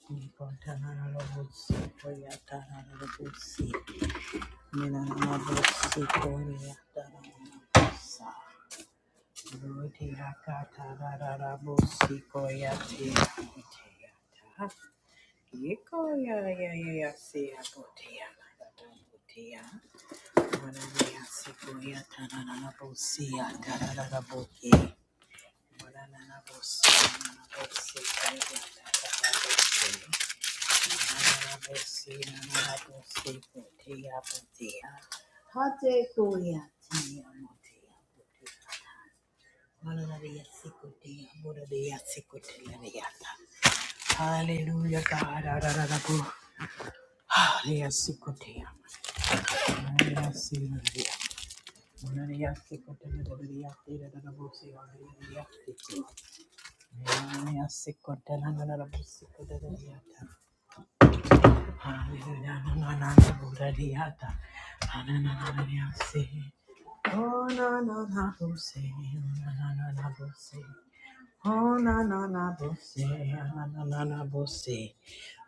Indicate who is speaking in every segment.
Speaker 1: Thank you. Hallelujah, God. Hallelujah, Sikotea. Hallelujah, Sikotea. Hallelujah, Sikotea. Hallelujah, Sikotea. Hallelujah, na na na na, Buddha-diyata. Ah, na na na na, Yase. Oh, na na na, Bose. Na na na na, Bose. Oh, na na na, Bose. Ah, na na na na, Bose.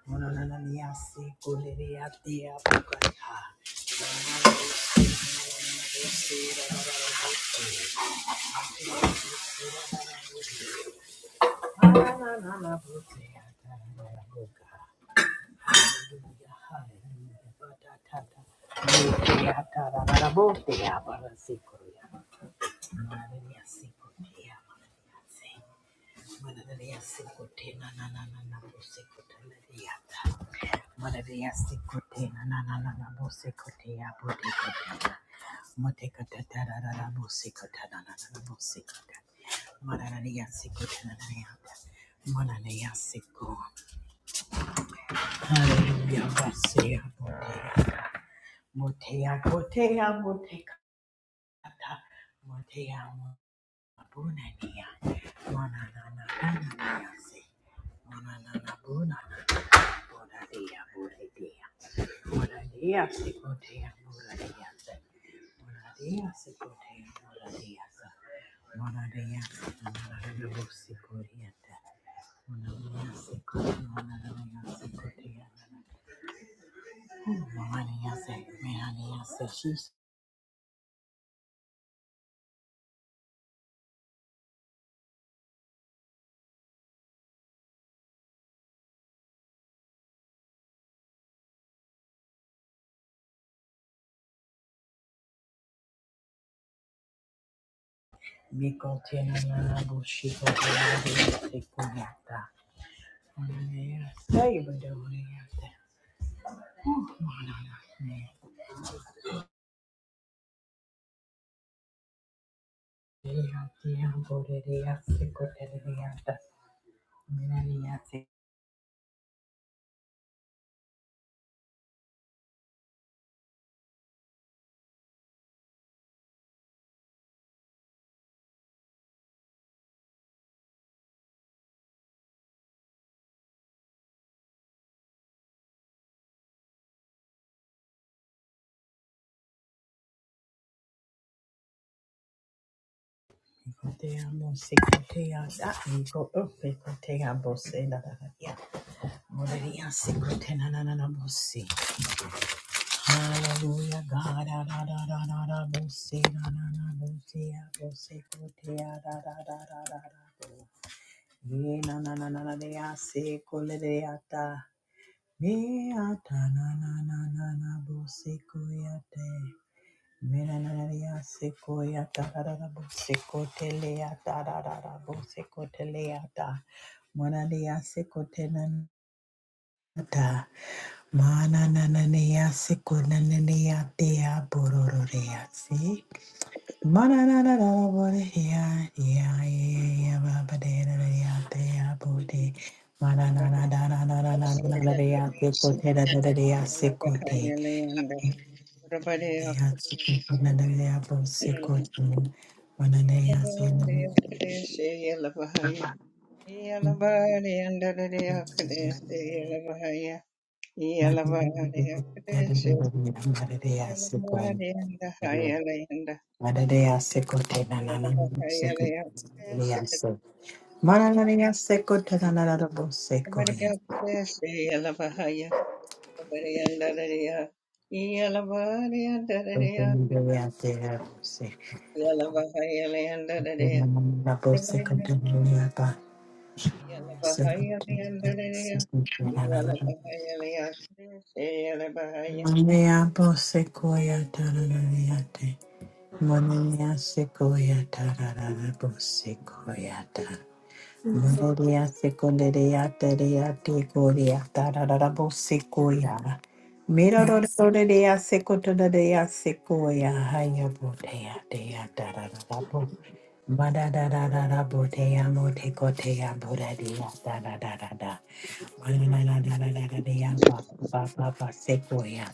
Speaker 1: Oh, na na na, Yase. Kule-diyate, Apukata. oh na na na, Bose. Ah, na na na, Boka. Hallelujah, Ba-da-ta-ta. Yate, Yata, na na na, Bote, Abara, Sikuru, Hallelujah. Motea, motea, motea, motea, Bunania, Monanananananasi, Monananabunana, Bonadia, Bonadia, Bonadia, Sicotea, Bonadia, Bonadia, Sicotea, Bonadia, Monadia, Monanabu, Sicoria, Monania, Sicotea, Monania, Sicotea, Monania, Mehania, Sessis, Micotina, Bushiko, Bonadia, Sicoria. Hallelujah, God, da da da da da da, bossy, da da da, bossy, bossy, bossy, da da da da da da da. Ye na na na na na, they are sick, oh, they are da. na na na na na na na na na na na na bo bo bo ta ta ta ta da da da bo secotelea ta da da da bo secotelea ta. Mona de ya secotena ta. Mana na na na ya secona na na ya mona se. Manana Mana
Speaker 2: Yeah.
Speaker 1: nana ya
Speaker 2: Everybody
Speaker 1: seko te na na na na bo seko
Speaker 2: else is
Speaker 1: Monia sequoia, tarara, sequoia, tarara. Mororia secondaria teria tecoria tararabo sequoia. Mirororia secotoria sequoia hayabotea dea tararabo. Madadadadabotea motecotea boradia dadadada. Manadadadadadadea papa papa sequoia.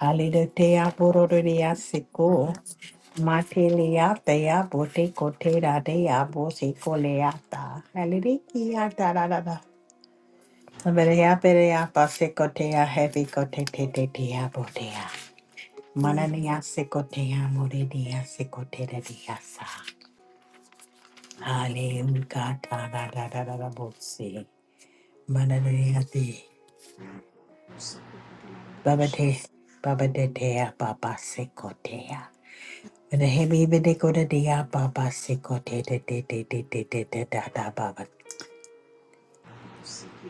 Speaker 1: Halidotea bororia seco. Mateleatea bote cotera dea bose coleata. Alirikia da da da da. Berea berea base cotea heavy cote te te dea botea. Manania secotea moredia secotera diasa. Aleluca da da da da da da bose. Manania de. Babate. Babadetea baba secotea. And the heavy video dea baba secote de de de de de de de da da
Speaker 3: Siki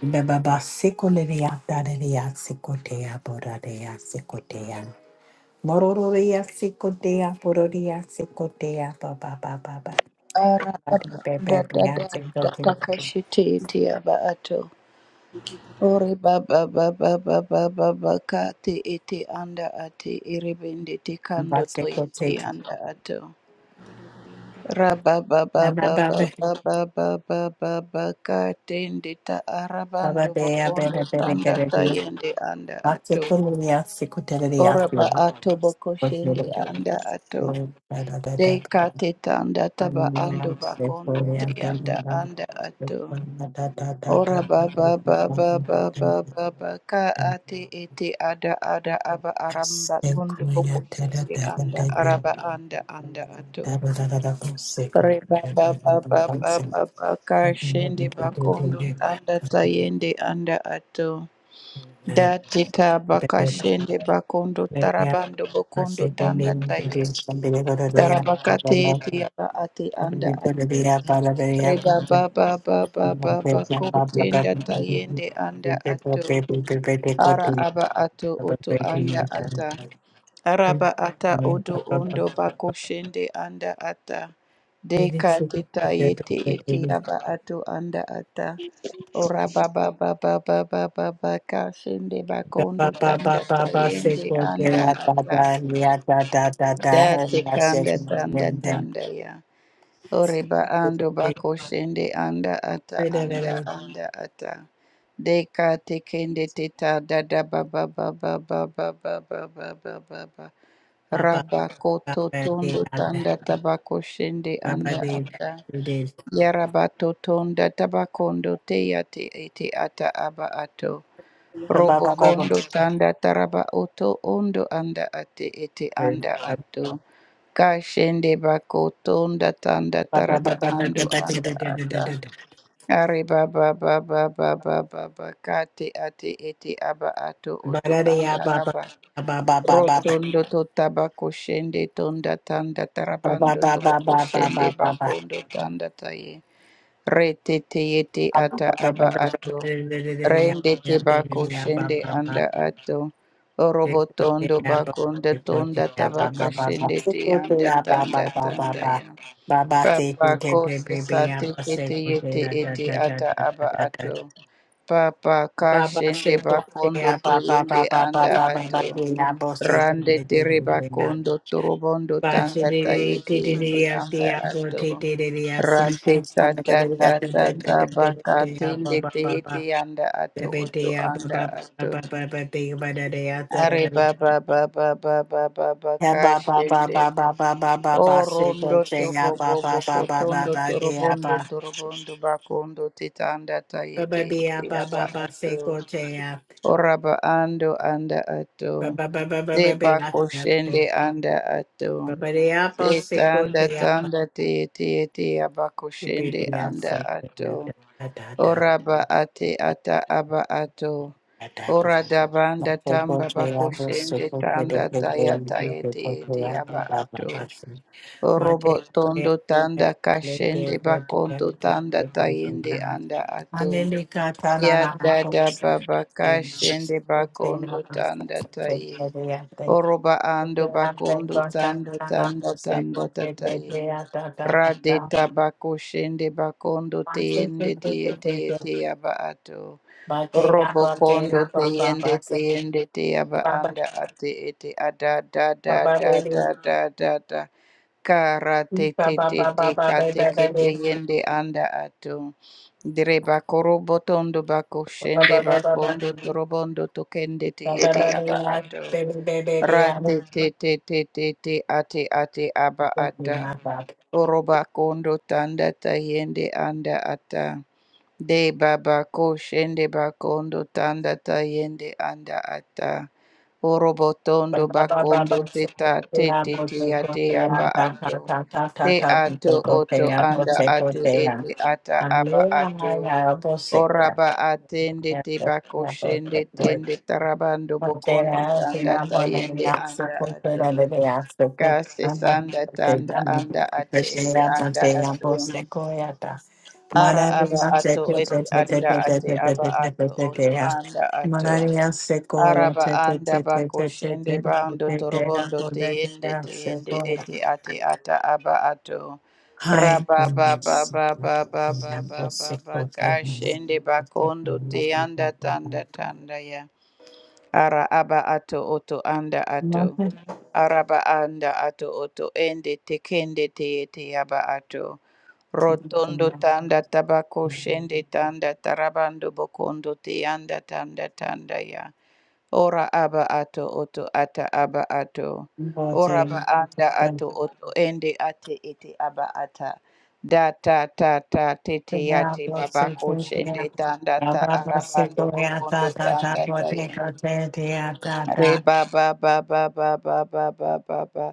Speaker 1: Baba sikoleya daleya sikoteya boradeya sikoteya mororoya sikoteya borodeya sikoteya baba baba baba baba baba sikote
Speaker 4: Aradadadadadadakashiti iti aba ato. Ori baba baba baba baba kati iti anda ati iribindi
Speaker 1: baba
Speaker 4: tikando to
Speaker 1: sikote
Speaker 4: iti anda ato. Raba baba
Speaker 1: baba
Speaker 4: baba
Speaker 1: baba
Speaker 4: baba baba baba kati ndita
Speaker 1: baba
Speaker 4: arabando
Speaker 1: deya
Speaker 4: bokondo
Speaker 1: baba baba
Speaker 4: tanda
Speaker 1: kare deya
Speaker 4: tayende anda
Speaker 1: baba
Speaker 4: ato.
Speaker 1: sikoleya sikoteya
Speaker 4: Oraba
Speaker 1: sikote.
Speaker 4: ato bokoshende
Speaker 1: Sikote.
Speaker 4: anda ato.
Speaker 1: da
Speaker 4: Dei kati tanda taba ando bakondo ti anda anda ato.
Speaker 1: da.
Speaker 4: Ora ba ba ba ba ba ba
Speaker 1: da.
Speaker 4: ba ba ka
Speaker 1: Thank you.
Speaker 4: ate ete ada ada aba aramba tundu
Speaker 1: We
Speaker 4: boko
Speaker 1: need
Speaker 4: shende anda araba anda anda ato. Re ba ba ba ba ba ba ba ka shende bakondo tanda tayende anda ato. Date ka baka shende bakondo tarabando bokondo tanda taye. Tarabaka ete aba ate anda ato. Reba baba baba baba kotenda tayende anda ato ara aba ato oto anda ata araba ata
Speaker 1: to
Speaker 4: oto ondo bako shende anda ata deka teta yete
Speaker 1: consider
Speaker 4: ete
Speaker 1: the
Speaker 4: yaba ato anda ata ora baba baba baba baba kashende
Speaker 1: Ba ba
Speaker 4: bakondo
Speaker 1: ba ba
Speaker 4: tanda
Speaker 1: ba ba se
Speaker 4: tayende
Speaker 1: ko de
Speaker 4: anda
Speaker 1: la ba
Speaker 4: ata
Speaker 1: da ya da da da da
Speaker 4: date
Speaker 1: ya se
Speaker 4: kanda
Speaker 1: ko de
Speaker 4: tanda
Speaker 1: de de
Speaker 4: tanda ya Oreba ando
Speaker 1: de
Speaker 4: bako shende anda
Speaker 1: se
Speaker 4: ata
Speaker 1: de de
Speaker 4: anda
Speaker 1: de
Speaker 4: anda ata. Deka tekende teta dada baba baba baba baba baba baba.
Speaker 1: ba ba
Speaker 4: Raba
Speaker 1: ba
Speaker 4: koto
Speaker 1: ba de
Speaker 4: tondo
Speaker 1: ya de
Speaker 4: tanda tabako shende
Speaker 1: ba ba
Speaker 4: anda
Speaker 1: de
Speaker 4: ata.
Speaker 1: de de
Speaker 4: Yarabato tonda tabakondo te ate ete ata aba ato.
Speaker 1: ba ba
Speaker 4: Robo
Speaker 1: ba ba ba
Speaker 4: kondo tanda taraba oto ondo anda ate ete
Speaker 1: er,
Speaker 4: anda
Speaker 1: ba
Speaker 4: ato. Kashende bako tonda tanda
Speaker 1: ba
Speaker 4: taraba
Speaker 1: ba ba ba ba ba ba
Speaker 4: ando
Speaker 1: de de de
Speaker 4: anda
Speaker 1: de de
Speaker 4: ata.
Speaker 1: de de.
Speaker 4: Are baba baba baba baba kate ate ete aba ato
Speaker 1: ba
Speaker 4: oto
Speaker 1: da de ya
Speaker 4: anda
Speaker 1: ba ba
Speaker 4: aba.
Speaker 1: ba ba ba ba ba ba
Speaker 4: Rotondo to tabako shende tonda tanda
Speaker 1: ba ba
Speaker 4: tarabando
Speaker 1: ba ba ba ba ba ba ba ba
Speaker 4: toboko shende
Speaker 1: ba ba ba ba
Speaker 4: bakondo tanda taye. Rete te yete
Speaker 1: de
Speaker 4: ata aba ato.
Speaker 1: de de de de ya
Speaker 4: Rende te
Speaker 1: ya de de
Speaker 4: bako
Speaker 1: de ya ba
Speaker 4: shende
Speaker 1: ba ba
Speaker 4: anda ato. Orobo tondo bako nda tonda tabaka shende te anda tanda tanda ya. Papa kose sate kete yete ete ata aba ato. Papa kashende bakondo to yende anda ato. Rande tere bakondo
Speaker 1: Baba
Speaker 4: torobondo tanda tayete yende anda ato. Rate tata tata tabaka tende teyete anda ato oto anda ato. Are baba baba baba baba
Speaker 1: Ya ba ba ba
Speaker 4: kashende.
Speaker 1: ba ba ba ba ba ba se to
Speaker 4: Orondo
Speaker 1: che
Speaker 4: tobo
Speaker 1: ya ba
Speaker 4: bobo
Speaker 1: ba ba ba ba
Speaker 4: kotondo
Speaker 1: ba de ya
Speaker 4: torobondo
Speaker 1: ba
Speaker 4: torobondo bakondo titanda
Speaker 1: ba ba
Speaker 4: tayete
Speaker 1: be ya ba
Speaker 4: aba
Speaker 1: ba ba se
Speaker 4: ato
Speaker 1: to che ya
Speaker 4: oraba ando anda ato
Speaker 1: ba ba ba ba ba
Speaker 4: de
Speaker 1: ba be ya
Speaker 4: bako
Speaker 1: ta ta
Speaker 4: shende anda ato
Speaker 1: ba ba de ya ba
Speaker 4: de
Speaker 1: se to
Speaker 4: tanda
Speaker 1: che ya
Speaker 4: tanda tayete yete abako
Speaker 1: be be
Speaker 4: shende
Speaker 1: be ya
Speaker 4: anda
Speaker 1: se to
Speaker 4: ato
Speaker 1: ya da da da da
Speaker 4: oraba ate ata aba ato
Speaker 1: da da bo
Speaker 4: ora
Speaker 1: ma
Speaker 4: dabanda
Speaker 1: se to
Speaker 4: tamba
Speaker 1: che ya
Speaker 4: bako
Speaker 1: bo se
Speaker 4: shende
Speaker 1: to che de
Speaker 4: tanda
Speaker 1: de de
Speaker 4: tayata
Speaker 1: de de
Speaker 4: yete
Speaker 1: to che
Speaker 4: yete
Speaker 1: ya
Speaker 4: aba
Speaker 1: ba ba ba
Speaker 4: ato
Speaker 1: ba
Speaker 4: Orobo
Speaker 1: Mate
Speaker 4: tondo tanda kashende
Speaker 1: lebe bote
Speaker 4: bakondo tanda
Speaker 1: bebe bote
Speaker 4: tayende
Speaker 1: na.
Speaker 4: anda ato.
Speaker 1: Alele kata na
Speaker 4: Ya
Speaker 1: na na
Speaker 4: dada
Speaker 1: bote
Speaker 4: baba kashende
Speaker 1: bote na
Speaker 4: bakondo tanda
Speaker 1: bote
Speaker 4: taye.
Speaker 1: bebe ya te.
Speaker 4: Oroba ando
Speaker 1: Bebe ya te
Speaker 4: bakondo
Speaker 1: bote na
Speaker 4: tanda
Speaker 1: na na
Speaker 4: tanda
Speaker 1: bote
Speaker 4: tanda
Speaker 1: bote
Speaker 4: tataye.
Speaker 1: bebe ya ta ta ta
Speaker 4: Rade
Speaker 1: ta.
Speaker 4: tabako shende bakondo
Speaker 1: Mate
Speaker 4: teyende
Speaker 1: bebe
Speaker 4: teye teye
Speaker 1: bebe
Speaker 4: teyaba ato.
Speaker 1: bate ya
Speaker 4: Robo
Speaker 1: bote
Speaker 4: kondo
Speaker 1: na baba
Speaker 4: teyende
Speaker 1: bate
Speaker 4: teyende teyaba
Speaker 1: baba
Speaker 4: anda ate ete ada da da
Speaker 1: baba
Speaker 4: da
Speaker 1: bebe.
Speaker 4: da da da da. Kara te te
Speaker 1: Baba
Speaker 4: te
Speaker 1: baba
Speaker 4: te
Speaker 1: baba
Speaker 4: ka te
Speaker 1: bebe
Speaker 4: ke te
Speaker 1: bebe
Speaker 4: yende anda ato. Direba korobo tondo bako shende
Speaker 1: baba baba baba
Speaker 4: bakondo torobondo tokende te
Speaker 1: baba
Speaker 4: te aba ato.
Speaker 1: baby baby
Speaker 4: Ra
Speaker 1: baby
Speaker 4: te te te te te te ate ate aba ata.
Speaker 1: Thank
Speaker 4: Oroba kondo tanda ta yende anda ata. De babako shende bakondo tanda tayende anda ata. Orobotondo bakondo teta tete tia te ate aba ato. Te ato oto anda ate ete ata aba ato. Oraba atende te bako shende tende tarabando
Speaker 1: Hi,
Speaker 4: bokondo tanda tayende anda ato. Kase sanda tanda anda ate ete anda ato. Ara aba ato ete anda ate aba ato oto anda ato. Araba anda bako shende bando torobondo teende teende ete ate ata aba ato. Raba ba ba ba ba ba ba ba ba ba ka shende bakondo te anda tanda tanda ya. Ara aba ato oto anda ato. Araba anda ato oto ende tekende teete yaba ato. Rotondo tanda tabako shende tanda tarabando bokondo te anda tanda tanda ya. Ora aba ato oto ata aba ato. Ora
Speaker 1: Bote,
Speaker 4: ba anda
Speaker 1: bote,
Speaker 4: ato oto ende ate ete aba ata. Da ta ta ta tete
Speaker 1: kaya
Speaker 4: yate
Speaker 1: bose
Speaker 4: babako
Speaker 1: kaya,
Speaker 4: shende tanda ta
Speaker 1: Baba bose
Speaker 4: arabando
Speaker 1: kaya, ta
Speaker 4: bokondo
Speaker 1: ta ta
Speaker 4: tanda ta
Speaker 1: bote
Speaker 4: ya.
Speaker 1: kote kaya ta
Speaker 4: Re
Speaker 1: ta,
Speaker 4: ba ba ba ba ba ba ba ba ba ba.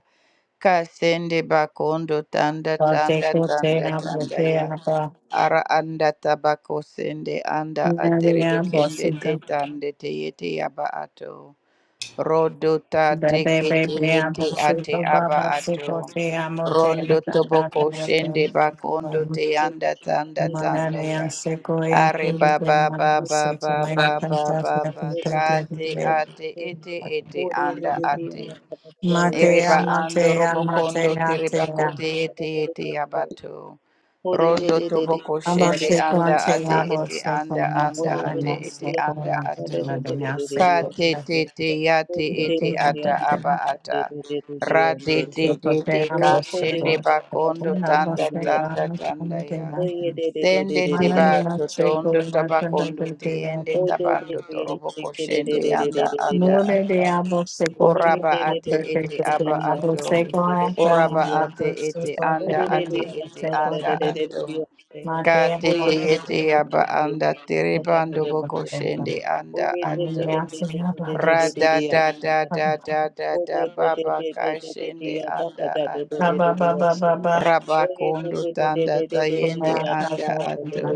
Speaker 4: Kasende bakondo tanda
Speaker 1: bote
Speaker 4: tanda
Speaker 1: kote
Speaker 4: tanda
Speaker 1: kaya
Speaker 4: tanda
Speaker 1: bote
Speaker 4: ya.
Speaker 1: apa,
Speaker 4: Ara anda tabako sende anda
Speaker 1: ya
Speaker 4: atere
Speaker 1: ya
Speaker 4: kende
Speaker 1: bose
Speaker 4: te
Speaker 1: kaya,
Speaker 4: tande te yete ya ba ato. Rodo ta te
Speaker 1: bebe
Speaker 4: kete
Speaker 1: bebe ya
Speaker 4: yete
Speaker 1: bose
Speaker 4: ate
Speaker 1: kaya, baba
Speaker 4: aba
Speaker 1: bose
Speaker 4: ato.
Speaker 1: kote kaya mote
Speaker 4: Rondo
Speaker 1: ta ta
Speaker 4: toboko
Speaker 1: ta
Speaker 4: shende bakondo
Speaker 1: ta.
Speaker 4: te
Speaker 5: Oh,
Speaker 4: anda tanda tanda ya.
Speaker 1: Manana Sequoia,
Speaker 4: Are ba ba
Speaker 1: then one
Speaker 4: ba
Speaker 1: was
Speaker 4: ba
Speaker 1: searching
Speaker 4: ba
Speaker 1: my contact, I
Speaker 4: kate ate ete ete anda
Speaker 1: think,
Speaker 4: ate. Ereba
Speaker 1: Matea,
Speaker 4: ando
Speaker 1: Matea,
Speaker 4: robokondo
Speaker 1: Matea,
Speaker 4: tereba
Speaker 1: Matea.
Speaker 4: kote ete ete abato. Rondo toboko shende
Speaker 1: Abashekwa,
Speaker 4: anda
Speaker 1: Tea,
Speaker 4: ate ete
Speaker 1: Abosekwa,
Speaker 4: anda anda
Speaker 1: Mata,
Speaker 4: ate ete
Speaker 1: Nasokwa,
Speaker 4: anda ato.
Speaker 1: Matea, Dea,
Speaker 4: Ka
Speaker 1: Sekwa,
Speaker 4: te
Speaker 1: Matea,
Speaker 4: te te ya te ete ata aba
Speaker 1: Matea.
Speaker 4: ata. Ra de de de de
Speaker 1: Sokotea,
Speaker 4: ka shende
Speaker 1: Abosekwa, Matea,
Speaker 4: bakondo tanda tanda
Speaker 1: Abosekwa,
Speaker 4: tanda
Speaker 1: Matea,
Speaker 4: ya.
Speaker 1: Matea.
Speaker 4: Tende te
Speaker 1: Matea,
Speaker 4: bato tondo
Speaker 1: Sekwa, Mata,
Speaker 4: tabakondo
Speaker 1: Dea,
Speaker 4: te
Speaker 1: Dea,
Speaker 4: ende
Speaker 5: Oh, yeah,
Speaker 4: tabando
Speaker 1: Dea.
Speaker 5: they
Speaker 4: toroboko shende anda anda
Speaker 1: Mure de
Speaker 4: ata.
Speaker 1: Abosekwa,
Speaker 4: Oraba ate
Speaker 1: Matea, Dea,
Speaker 4: ete
Speaker 1: Dea,
Speaker 4: aba
Speaker 5: did
Speaker 4: ato.
Speaker 1: Abosekwa, Mata,
Speaker 4: Oraba ate ete
Speaker 1: Abosekwa,
Speaker 4: anda
Speaker 1: Matea,
Speaker 4: ate ete
Speaker 1: Matea,
Speaker 4: anda
Speaker 1: Abosekwa,
Speaker 4: ato. Ka
Speaker 1: Mate,
Speaker 4: tete
Speaker 1: Mate,
Speaker 4: ete aba anda
Speaker 1: Baba,
Speaker 4: terebando boko shende anda ato.
Speaker 1: sing, ta,
Speaker 4: Ra da da da da da da da baba ka shende anda ato. Raba kondo tanda tayende anda ato.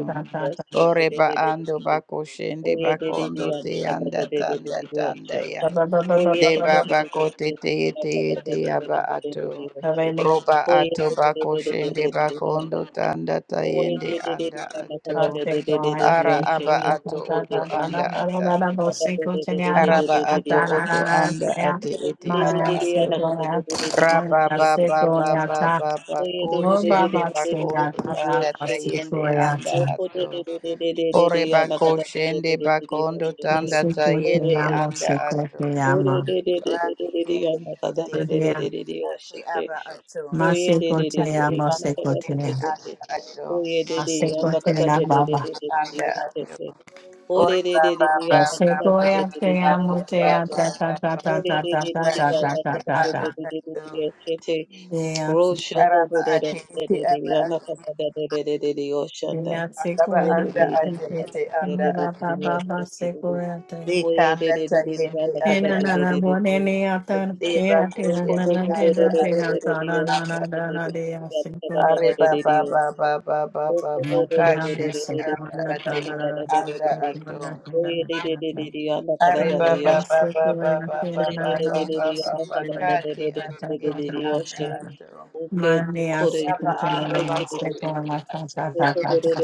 Speaker 4: Oreba ando bako shende bakondo te anda
Speaker 5: the
Speaker 4: tanda tanda
Speaker 5: um,
Speaker 4: ya.
Speaker 5: Hoye
Speaker 4: De
Speaker 5: de de de
Speaker 4: baba
Speaker 5: de de de
Speaker 4: kote
Speaker 5: de
Speaker 4: te ete ete aba ato. Roba ato bako shende bako ondo tanda tayende anda ato. Ara aba ato oto anda ata. Araba ato oto anda ate ete aba ato. Raba baba baba baba ba shende bako ondo
Speaker 1: ta,
Speaker 4: tanda
Speaker 1: ta, sing,
Speaker 4: tayende
Speaker 1: ta,
Speaker 4: anda
Speaker 1: ta.
Speaker 4: ato. Ore bako shende
Speaker 5: de
Speaker 4: bako ondo
Speaker 5: de
Speaker 4: tanda
Speaker 1: Mase kote
Speaker 4: tayende
Speaker 5: de
Speaker 1: amo,
Speaker 4: anda
Speaker 1: se
Speaker 4: ato.
Speaker 1: kote
Speaker 5: Ore
Speaker 1: amo.
Speaker 5: de de de de de de de
Speaker 4: Rakitende
Speaker 5: yana kada
Speaker 4: kete
Speaker 5: de de
Speaker 4: te.
Speaker 5: de de
Speaker 1: Maria,
Speaker 5: de de oshete.
Speaker 4: aba ato.
Speaker 5: Oye
Speaker 1: mase
Speaker 5: de de de
Speaker 1: kote
Speaker 5: de de
Speaker 4: Ayere
Speaker 1: amo,
Speaker 5: yana
Speaker 1: se
Speaker 4: bako
Speaker 5: kada
Speaker 1: kote
Speaker 5: de
Speaker 4: sende
Speaker 5: de
Speaker 1: amo.
Speaker 5: de de.
Speaker 4: anda ato.
Speaker 5: Oye de de
Speaker 1: Mase
Speaker 5: yana
Speaker 1: kote
Speaker 5: kada
Speaker 1: amo,
Speaker 5: de de de
Speaker 1: baba.
Speaker 5: de de de
Speaker 4: Anda ato.
Speaker 5: oshete.
Speaker 4: Ore
Speaker 5: Ore de de de
Speaker 4: baba
Speaker 5: de
Speaker 1: Eu
Speaker 5: yana
Speaker 1: sei
Speaker 4: baba
Speaker 5: kada
Speaker 1: que
Speaker 5: de
Speaker 4: baba
Speaker 5: de de de
Speaker 1: te
Speaker 5: de
Speaker 4: baba
Speaker 5: de
Speaker 1: amo, te
Speaker 4: baba
Speaker 1: a
Speaker 5: oshete.
Speaker 1: ta ta
Speaker 4: baba
Speaker 1: ta
Speaker 4: baba ba
Speaker 1: ta
Speaker 5: Ore de
Speaker 4: ba
Speaker 1: ta
Speaker 4: ba ba ba
Speaker 5: de
Speaker 4: ba
Speaker 1: ta ta
Speaker 4: ba
Speaker 5: de de
Speaker 1: ta
Speaker 5: yana
Speaker 1: ta
Speaker 4: sende
Speaker 1: ta
Speaker 5: kada de de de
Speaker 1: ta
Speaker 4: anda
Speaker 1: ta.
Speaker 5: de de
Speaker 4: ato.
Speaker 5: de oshete.
Speaker 1: Te amo,
Speaker 5: Rosho
Speaker 1: te
Speaker 5: do
Speaker 4: Araba
Speaker 5: do do de
Speaker 4: ate
Speaker 5: de
Speaker 4: ete
Speaker 5: de de
Speaker 4: aba
Speaker 5: yana
Speaker 4: ato.
Speaker 5: kada de de de de de de oshanda.
Speaker 1: amo, sei que
Speaker 4: Araba
Speaker 5: Ore
Speaker 1: eu te
Speaker 4: anda
Speaker 5: de
Speaker 4: ate
Speaker 5: yana
Speaker 1: amo,
Speaker 5: kada
Speaker 4: ete
Speaker 1: te
Speaker 5: de
Speaker 1: amo,
Speaker 4: anda
Speaker 5: de de de
Speaker 4: ato.
Speaker 5: de
Speaker 1: baba, baba, sei que
Speaker 5: oshete.
Speaker 1: eu te amo.
Speaker 4: Deka
Speaker 5: Oye
Speaker 4: anda
Speaker 5: de de de de
Speaker 4: tayende
Speaker 5: yana kada
Speaker 1: Ina
Speaker 4: anda
Speaker 5: de
Speaker 1: na
Speaker 5: de
Speaker 4: ato.
Speaker 1: na
Speaker 5: de de
Speaker 1: bo
Speaker 5: de
Speaker 1: ne ne
Speaker 5: oshete.
Speaker 1: ata,
Speaker 4: Deba
Speaker 1: ina te a te na
Speaker 5: Thank
Speaker 1: na
Speaker 4: kusende
Speaker 1: na te
Speaker 4: anda
Speaker 1: na te na ta na na
Speaker 4: ato.
Speaker 1: na na na de
Speaker 4: Ari baba baba baba baba kashi
Speaker 1: Monday,
Speaker 4: anda ati anda ato. Ari baba baba baba baba baba baba kati ati iti anda ato. Raba ando bako shende anda ato.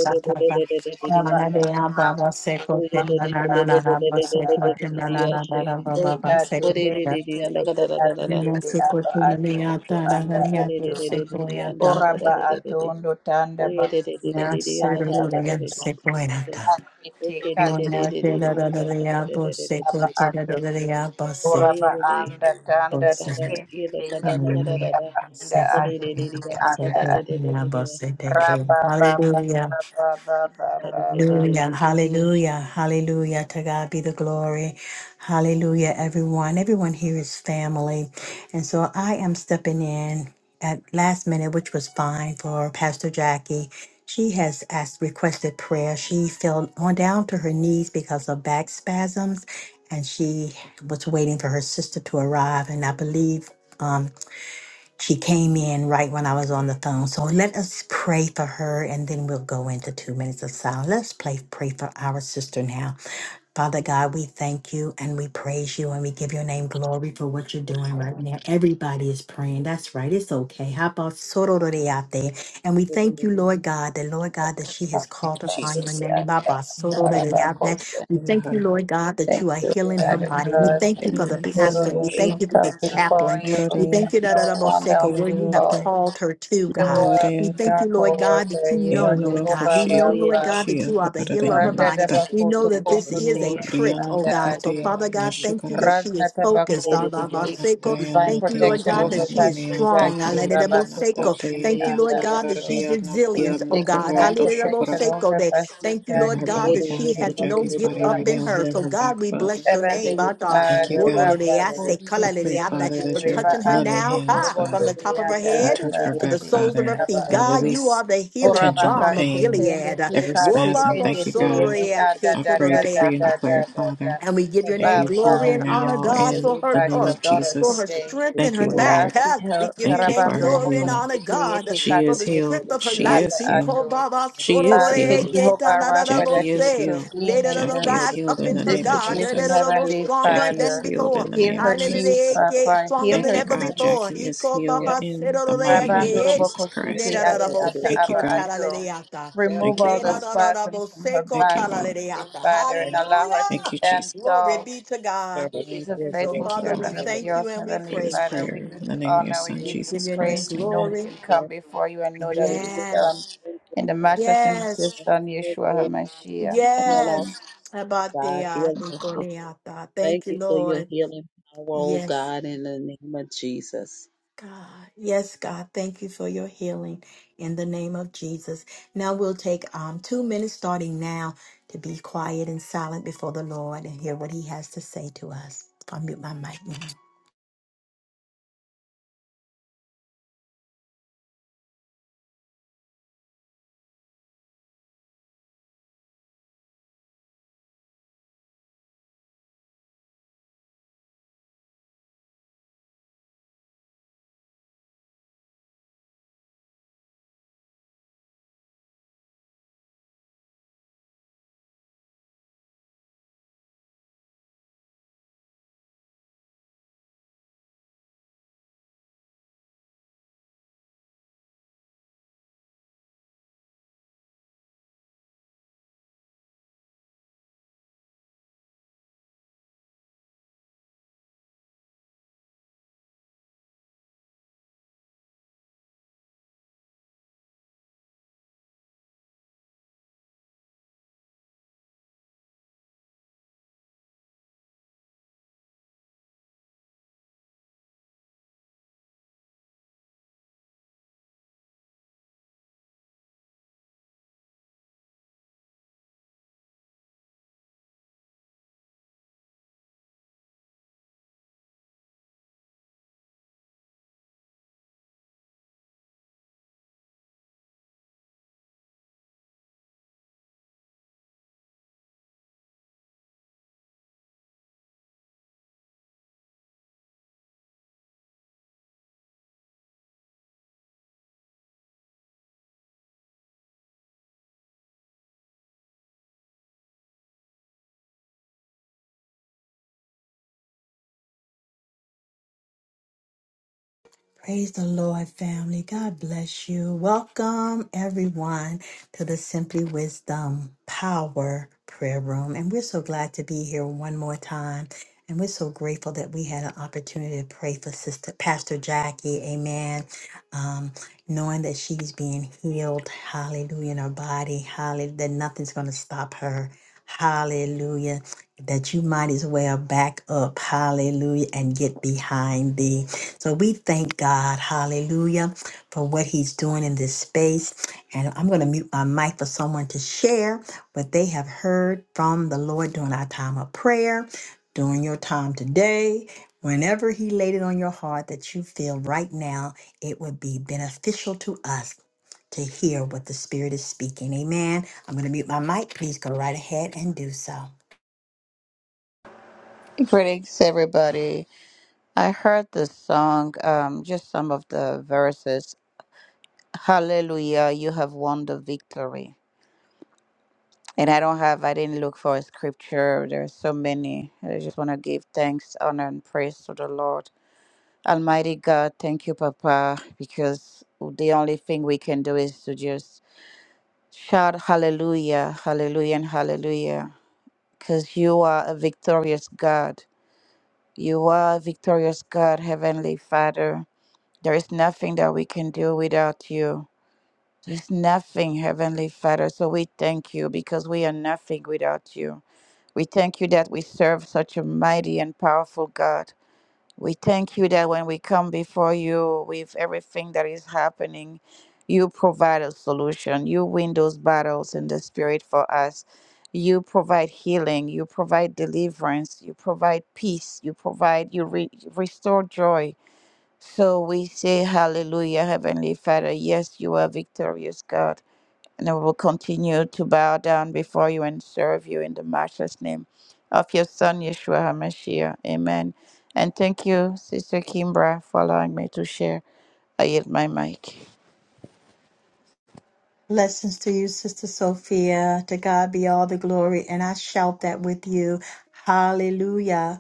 Speaker 4: Raba ando bako shende anda ato. Anda ato. Deka teke teke ati iti aba ato oto anda ato.
Speaker 1: I
Speaker 4: Oraba
Speaker 5: you.
Speaker 4: ato ondo tanda
Speaker 5: Oh yeah, de de de de de
Speaker 1: Yes,
Speaker 4: bakusende
Speaker 5: de,
Speaker 1: sir,
Speaker 5: anda
Speaker 4: anda
Speaker 5: kada
Speaker 1: Lord,
Speaker 5: da da de de
Speaker 1: yes,
Speaker 4: ato.
Speaker 5: de.
Speaker 1: Lord.
Speaker 4: Akete
Speaker 5: Okay, de de
Speaker 4: kati
Speaker 5: de
Speaker 1: Mona
Speaker 5: de de
Speaker 1: de
Speaker 5: de,
Speaker 1: la la la
Speaker 5: anda kada
Speaker 1: la
Speaker 5: da da da da da
Speaker 1: Boseco
Speaker 4: aba
Speaker 1: de
Speaker 5: de.
Speaker 1: la
Speaker 4: ato.
Speaker 1: la la la
Speaker 5: Oh
Speaker 1: Boseco
Speaker 5: yeah,
Speaker 4: Oraba
Speaker 5: de de,
Speaker 4: anda tanda
Speaker 5: kada da da,
Speaker 1: Boseco
Speaker 4: tekende
Speaker 5: yeah de kada, anda
Speaker 4: teyende
Speaker 5: kada
Speaker 4: te
Speaker 1: Hallelujah
Speaker 5: da da.
Speaker 4: aba anda
Speaker 1: Boseco
Speaker 5: Oh de
Speaker 4: ato
Speaker 5: de de de,
Speaker 4: ete
Speaker 5: anda
Speaker 4: anda
Speaker 5: kada da
Speaker 4: ato.
Speaker 5: da da da
Speaker 1: Boseco
Speaker 5: de,
Speaker 1: Boseco
Speaker 4: Raba ba ba
Speaker 1: Hallelujah
Speaker 4: ba ba ba ba
Speaker 5: kada
Speaker 4: ba ba
Speaker 5: da
Speaker 4: ba.
Speaker 5: da da da
Speaker 1: Hallelujah,
Speaker 5: de, oh
Speaker 1: hallelujah, hallelujah. To God be the glory. Hallelujah, everyone. Everyone here is family. And so I am stepping in at last minute, which was fine for Pastor Jackie. She has asked, requested prayer. She fell on down to her knees because of back spasms, and she was waiting for her sister to arrive. And I believe. um, she came in right when I was on the phone. So let us pray for her and then we'll go into two minutes of silence. Let's play, pray for our sister now. Father God, we thank you and we praise you and we give your name glory for what you're doing right now. Everybody is praying. That's right. It's okay. How about Sorority out there? And we
Speaker 5: de de
Speaker 1: thank
Speaker 5: de
Speaker 1: you,
Speaker 5: de. Oh yeah, de de de de de, anda kada da da da da de,
Speaker 1: Lord God, that Lord God, that she has
Speaker 4: Anda
Speaker 6: Thank
Speaker 1: called
Speaker 6: you,
Speaker 4: ba
Speaker 1: upon your
Speaker 6: Jesus.
Speaker 4: ete
Speaker 1: name. How
Speaker 4: anda
Speaker 1: about
Speaker 4: ato.
Speaker 6: Yakora,
Speaker 1: Sorority
Speaker 4: Raba
Speaker 1: out there?
Speaker 4: kose.
Speaker 1: We thank you,
Speaker 6: Yahara,
Speaker 1: Lord God, that
Speaker 4: Thank
Speaker 1: you are
Speaker 4: you,
Speaker 1: healing her
Speaker 4: Father
Speaker 1: body. We
Speaker 6: Yakara,
Speaker 4: God.
Speaker 1: thank you for
Speaker 4: Thank
Speaker 1: the
Speaker 4: you.
Speaker 1: pastor. We thank
Speaker 4: We
Speaker 6: Yanorosho,
Speaker 1: you for the
Speaker 4: come before
Speaker 1: chaplain.
Speaker 4: you.
Speaker 1: We
Speaker 6: Orare,
Speaker 1: thank you,
Speaker 4: No
Speaker 1: that
Speaker 4: one else
Speaker 1: where
Speaker 4: to
Speaker 1: you
Speaker 5: oh de
Speaker 1: have
Speaker 4: call.
Speaker 6: Yorota,
Speaker 1: called her to,
Speaker 4: You
Speaker 1: God.
Speaker 4: are
Speaker 1: We
Speaker 4: the
Speaker 6: Moreata,
Speaker 1: thank you, Lord
Speaker 4: miracle
Speaker 1: God, that
Speaker 4: worker.
Speaker 1: you
Speaker 4: You
Speaker 1: know,
Speaker 4: are
Speaker 1: Lord God.
Speaker 4: Jehovah
Speaker 1: We
Speaker 6: Yanorokoshi,
Speaker 1: know, Lord
Speaker 4: Rapha.
Speaker 1: God, that you are the healer of our
Speaker 4: Randa
Speaker 1: body.
Speaker 6: Shiaharayanata,
Speaker 1: We
Speaker 4: Dabaku
Speaker 1: know
Speaker 4: to
Speaker 1: that this is
Speaker 4: Kumbuti
Speaker 1: a trick,
Speaker 4: and
Speaker 6: Moriana
Speaker 1: oh
Speaker 4: the
Speaker 1: God. So,
Speaker 4: Adjo.
Speaker 6: Takote,
Speaker 1: Father God, thank you
Speaker 6: Yashakara,
Speaker 1: that she
Speaker 4: Radna
Speaker 1: is focused.
Speaker 4: Tabaku
Speaker 1: ah,
Speaker 5: de
Speaker 1: bah,
Speaker 5: de
Speaker 1: bah,
Speaker 6: Asakata,
Speaker 4: speak
Speaker 1: seco.
Speaker 4: divine
Speaker 6: Tayana,
Speaker 1: Thank you, Lord
Speaker 4: protection
Speaker 1: God,
Speaker 6: Tiata,
Speaker 1: that
Speaker 4: over
Speaker 1: she is
Speaker 4: Pastor
Speaker 6: Dananiata,
Speaker 1: strong. ah,
Speaker 4: Jackie
Speaker 1: la,
Speaker 5: de
Speaker 1: da,
Speaker 5: de
Speaker 1: da, bo,
Speaker 5: de.
Speaker 6: Karaniana,
Speaker 4: Rabatu
Speaker 1: seco.
Speaker 4: Kushindi
Speaker 1: Thank you,
Speaker 4: and
Speaker 1: Lord
Speaker 4: the Anda
Speaker 6: Tatayaniata,
Speaker 1: God, that
Speaker 4: Adjo.
Speaker 1: she's
Speaker 6: Kariana,
Speaker 4: We
Speaker 1: resilient,
Speaker 6: Tiana,
Speaker 1: oh
Speaker 4: speak
Speaker 1: God. Ah,
Speaker 4: divine
Speaker 1: la,
Speaker 6: Koroto,
Speaker 1: da, da, bo,
Speaker 6: Shakara.
Speaker 4: protection
Speaker 1: seco,
Speaker 4: over
Speaker 1: that-
Speaker 4: Pastor
Speaker 1: Thank you,
Speaker 6: Heal
Speaker 1: Lord
Speaker 6: her
Speaker 4: Jackie in
Speaker 1: God,
Speaker 6: body,
Speaker 1: that
Speaker 6: God.
Speaker 4: the
Speaker 1: she
Speaker 6: Heal
Speaker 1: has
Speaker 4: name of
Speaker 1: no
Speaker 6: Jackie's
Speaker 1: give
Speaker 6: body right
Speaker 4: Yeshua
Speaker 1: up in
Speaker 6: now.
Speaker 1: her.
Speaker 6: Heal
Speaker 1: So,
Speaker 6: her
Speaker 4: HaMashiach.
Speaker 6: back,
Speaker 1: God, we
Speaker 6: Father.
Speaker 1: bless your name.
Speaker 4: Heavenly
Speaker 1: ah, God.
Speaker 6: Thank you,
Speaker 4: Father,
Speaker 1: Mororo
Speaker 6: God.
Speaker 1: de
Speaker 4: Baba,
Speaker 1: ase,
Speaker 6: I
Speaker 1: kala
Speaker 4: Kusiti,
Speaker 1: de
Speaker 6: pray,
Speaker 1: ata,
Speaker 6: Father,
Speaker 4: Iti,
Speaker 1: For
Speaker 6: that your
Speaker 4: Riba,
Speaker 1: touching her
Speaker 6: loving
Speaker 4: Andu,
Speaker 1: now,
Speaker 6: hands,
Speaker 1: ha, from
Speaker 4: Bukurubundu,
Speaker 1: the
Speaker 6: Father,
Speaker 1: top of her
Speaker 6: will
Speaker 4: Tianda,
Speaker 1: head
Speaker 6: touch her
Speaker 4: Ata,
Speaker 1: to the
Speaker 6: back,
Speaker 4: Ati,
Speaker 1: soles of
Speaker 4: Iti,
Speaker 1: her
Speaker 6: Father,
Speaker 4: Aba,
Speaker 1: feet.
Speaker 6: and
Speaker 4: Ato,
Speaker 1: God, you
Speaker 6: release
Speaker 1: are the
Speaker 6: the
Speaker 1: healing
Speaker 6: tension, the
Speaker 1: balm
Speaker 4: Urabaka,
Speaker 1: of
Speaker 6: pain,
Speaker 4: Tikendi,
Speaker 1: Gilead.
Speaker 6: every
Speaker 4: Tika,
Speaker 6: spasm.
Speaker 4: Tikendi,
Speaker 6: Thank you, God.
Speaker 4: Tieti, Ada,
Speaker 6: I
Speaker 4: Da,
Speaker 6: pray,
Speaker 4: Da, Da,
Speaker 6: decree, and
Speaker 4: Da,
Speaker 5: Thank
Speaker 4: Da,
Speaker 6: declare,
Speaker 4: Da, Da.
Speaker 6: Father,
Speaker 1: And we give your
Speaker 6: that
Speaker 1: name
Speaker 6: you heal
Speaker 1: glory
Speaker 4: Papa,
Speaker 6: her
Speaker 1: and
Speaker 4: we are
Speaker 1: honor,
Speaker 6: now
Speaker 1: God,
Speaker 6: in
Speaker 4: giving
Speaker 1: for
Speaker 4: you
Speaker 6: the
Speaker 1: her
Speaker 4: back
Speaker 6: name
Speaker 1: uh,
Speaker 4: your
Speaker 6: of
Speaker 4: daughter
Speaker 1: for
Speaker 6: Jesus.
Speaker 1: her
Speaker 4: today.
Speaker 1: strength in
Speaker 6: Thank
Speaker 1: her
Speaker 6: you,
Speaker 4: We
Speaker 1: back.
Speaker 6: Lord.
Speaker 4: ask you,
Speaker 1: huh? We
Speaker 4: her,
Speaker 1: give your
Speaker 6: Thank you
Speaker 1: name
Speaker 6: for
Speaker 4: Rabando,
Speaker 6: her
Speaker 1: glory and
Speaker 6: healing.
Speaker 1: honor,
Speaker 4: Robokusti,
Speaker 1: God,
Speaker 4: Tieti,
Speaker 6: She
Speaker 4: Kati,
Speaker 1: for
Speaker 6: is
Speaker 1: the
Speaker 4: Iti,
Speaker 6: healed.
Speaker 1: strength of her
Speaker 4: Iti,
Speaker 6: She
Speaker 1: life.
Speaker 6: is
Speaker 4: Ada,
Speaker 6: healed.
Speaker 1: Iko
Speaker 4: Ato.
Speaker 1: Baba
Speaker 6: She is
Speaker 1: sorore
Speaker 4: Asking
Speaker 6: healed.
Speaker 1: ke ta
Speaker 4: Jehovah
Speaker 1: na na na
Speaker 4: Rapha
Speaker 1: mo
Speaker 6: Jackie
Speaker 4: that you
Speaker 6: is
Speaker 1: se.
Speaker 6: healed.
Speaker 4: intervene
Speaker 1: Let it
Speaker 4: in
Speaker 1: all
Speaker 4: the
Speaker 6: Jackie is
Speaker 1: rise
Speaker 6: healed
Speaker 1: up
Speaker 6: in
Speaker 1: in
Speaker 6: the
Speaker 1: her,
Speaker 4: this
Speaker 6: name of
Speaker 1: God. Let
Speaker 4: situation,
Speaker 1: it
Speaker 6: Jesus.
Speaker 1: all be
Speaker 4: Heavenly
Speaker 1: stronger
Speaker 6: Jackie is
Speaker 1: than
Speaker 4: Father.
Speaker 6: healed
Speaker 1: before.
Speaker 6: in the
Speaker 4: Heal
Speaker 6: name of
Speaker 4: her knees,
Speaker 6: Jesus.
Speaker 1: Hallelujah. Ke-
Speaker 4: Papa.
Speaker 1: Stronger
Speaker 4: Heal
Speaker 1: than
Speaker 6: Thank you,
Speaker 4: her
Speaker 1: ever
Speaker 6: God.
Speaker 4: knees.
Speaker 1: before.
Speaker 6: Jackie is
Speaker 1: Iko
Speaker 6: healed
Speaker 1: Baba
Speaker 6: in the
Speaker 1: sorore
Speaker 6: mighty
Speaker 5: you.
Speaker 6: name
Speaker 4: Rabando
Speaker 6: of
Speaker 1: ke.
Speaker 6: Jesus
Speaker 4: Roboko
Speaker 1: Ne
Speaker 6: Christ.
Speaker 4: Shete
Speaker 1: na na
Speaker 5: Thank
Speaker 1: na
Speaker 4: Ate
Speaker 1: mo
Speaker 5: you,
Speaker 1: se
Speaker 4: Ata
Speaker 6: Thank you,
Speaker 1: ko
Speaker 4: Aba
Speaker 1: ta
Speaker 6: God.
Speaker 1: la
Speaker 4: Ato.
Speaker 1: le de ya ta.
Speaker 4: Remove
Speaker 6: Thank you,
Speaker 4: all
Speaker 1: Ne
Speaker 4: the
Speaker 1: na
Speaker 6: Father.
Speaker 1: na na na
Speaker 4: spasm
Speaker 1: mo
Speaker 4: from
Speaker 1: se
Speaker 4: her
Speaker 1: ko
Speaker 6: Thank
Speaker 1: ta
Speaker 4: back,
Speaker 6: you,
Speaker 1: la le
Speaker 6: Lord.
Speaker 1: de ya
Speaker 4: Heavenly
Speaker 1: ta.
Speaker 4: Father, and allow her
Speaker 1: Hallelujah.
Speaker 4: to
Speaker 6: Thank you,
Speaker 4: stand
Speaker 6: Jesus.
Speaker 1: Glory
Speaker 4: tall.
Speaker 1: be to
Speaker 2: Yeah.
Speaker 1: God.
Speaker 4: She is a
Speaker 1: And so,
Speaker 5: Lord.
Speaker 4: faithful
Speaker 6: Thank you,
Speaker 1: Father,
Speaker 5: Thank
Speaker 1: we
Speaker 4: servant
Speaker 6: Lord.
Speaker 4: of
Speaker 5: you,
Speaker 1: thank
Speaker 5: Lord.
Speaker 1: you
Speaker 4: yours,
Speaker 1: and we
Speaker 6: Say
Speaker 4: Heavenly
Speaker 6: this
Speaker 1: praise
Speaker 4: Father.
Speaker 1: you.
Speaker 4: We
Speaker 6: prayer
Speaker 4: give
Speaker 6: in the
Speaker 4: you
Speaker 6: name of your
Speaker 4: honor. We
Speaker 6: Son,
Speaker 5: Give
Speaker 1: And we
Speaker 4: give
Speaker 5: us
Speaker 4: you
Speaker 1: give
Speaker 6: Jesus
Speaker 1: your name
Speaker 4: praise.
Speaker 6: Christ.
Speaker 4: We know
Speaker 6: Amen.
Speaker 4: we
Speaker 1: glory.
Speaker 4: can come
Speaker 5: strength.
Speaker 4: before you and know that
Speaker 5: Thank
Speaker 4: it is
Speaker 5: you, Lord.
Speaker 4: done.
Speaker 1: Yes,
Speaker 5: Thank you,
Speaker 4: In the
Speaker 5: Lord.
Speaker 4: matchless name of your
Speaker 1: yes,
Speaker 5: Thank
Speaker 4: son,
Speaker 5: you,
Speaker 4: Yeshua
Speaker 5: Lord.
Speaker 4: HaMashiach.
Speaker 5: Heal us,
Speaker 4: Amen.
Speaker 1: yes.
Speaker 5: oh God.
Speaker 1: Abatea
Speaker 5: Heal
Speaker 1: te
Speaker 5: us, sister. Thank
Speaker 1: Thank you,
Speaker 5: you for your
Speaker 1: Lord.
Speaker 5: healing power, oh
Speaker 1: Yes,
Speaker 5: God, in the name of Jesus.
Speaker 1: God. Yes, God. Thank you for your healing in the name of Jesus. Now we'll take um, two minutes starting now to be quiet and silent before the Lord and hear what he has to say to us. I'll mute my mic now. Joy family, God bless you. Welcome everyone to the Simply Wisdom Power Prayer Room. And we're so glad to be here one more time. And we're so grateful that we had an opportunity to pray for Sister Pastor Jackie. Amen. Um, no, so and my mic for someone to share what they have heard from the Lord during our time of prayer, during when they're hard that it to
Speaker 4: Greetings, everybody. I heard this song, um, just some of the verses. Hallelujah, you have won the victory. And I don't have, I didn't look for a scripture. There are so many. I just want to give thanks, honor, and praise to the Lord. Almighty God, thank you, Papa, because the only thing we can do is to just shout hallelujah, hallelujah, and hallelujah. Because you are a victorious God. You are a victorious God, Heavenly Father. There is nothing that we can do without you. There's nothing, Heavenly Father. So we thank you because we are nothing without you. We thank you that we serve such a mighty and powerful God. We thank you that when we come before you with everything that is happening, you provide a solution. You win those battles in the spirit for us. You provide healing. You provide deliverance. You provide peace. You provide, you re- restore joy so we say hallelujah, Heavenly Father. Yes, you are victorious, God. And we will continue to bow down before you and serve you in the matchless name of your Son, Yeshua HaMashiach. Amen. And thank you, Sister Kimbra, for allowing me to share. I yield my mic.
Speaker 1: Blessings to you, Sister Sophia. To God be all the glory. And I shout that with you. Hallelujah.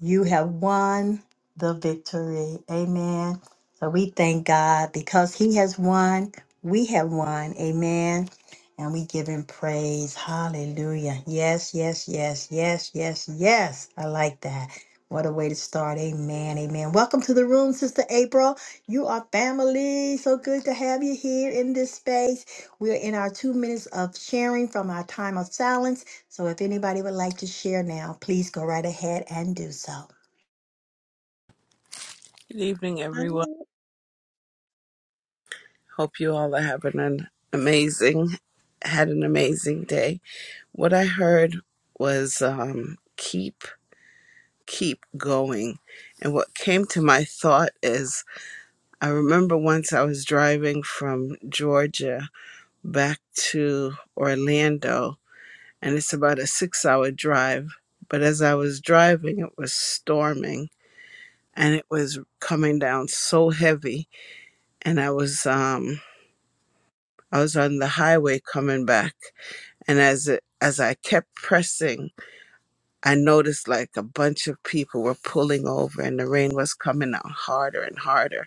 Speaker 1: You have won the victory. Amen. So we thank God because He has won. We have won. Amen. And we give Him praise. Hallelujah. Yes, yes, yes, yes, yes, yes. I like that. What a way to start. Amen. Amen. Welcome to the room, Sister April. You are family. So good to have you here in this space. We're in our two minutes of sharing from our time of silence. So if anybody would like to share now, please go right ahead and do so.
Speaker 7: Good evening, everyone. Hope you all are having an amazing, had an amazing day. What I heard was um, keep, keep going. And what came to my thought is I remember once I was driving from Georgia back to Orlando, and it's about a six hour drive. But as I was driving, it was storming and it was coming down so heavy. And I was, um, I was on the highway coming back, and as it, as I kept pressing, I noticed like a bunch of people were pulling over, and the rain was coming out harder and harder,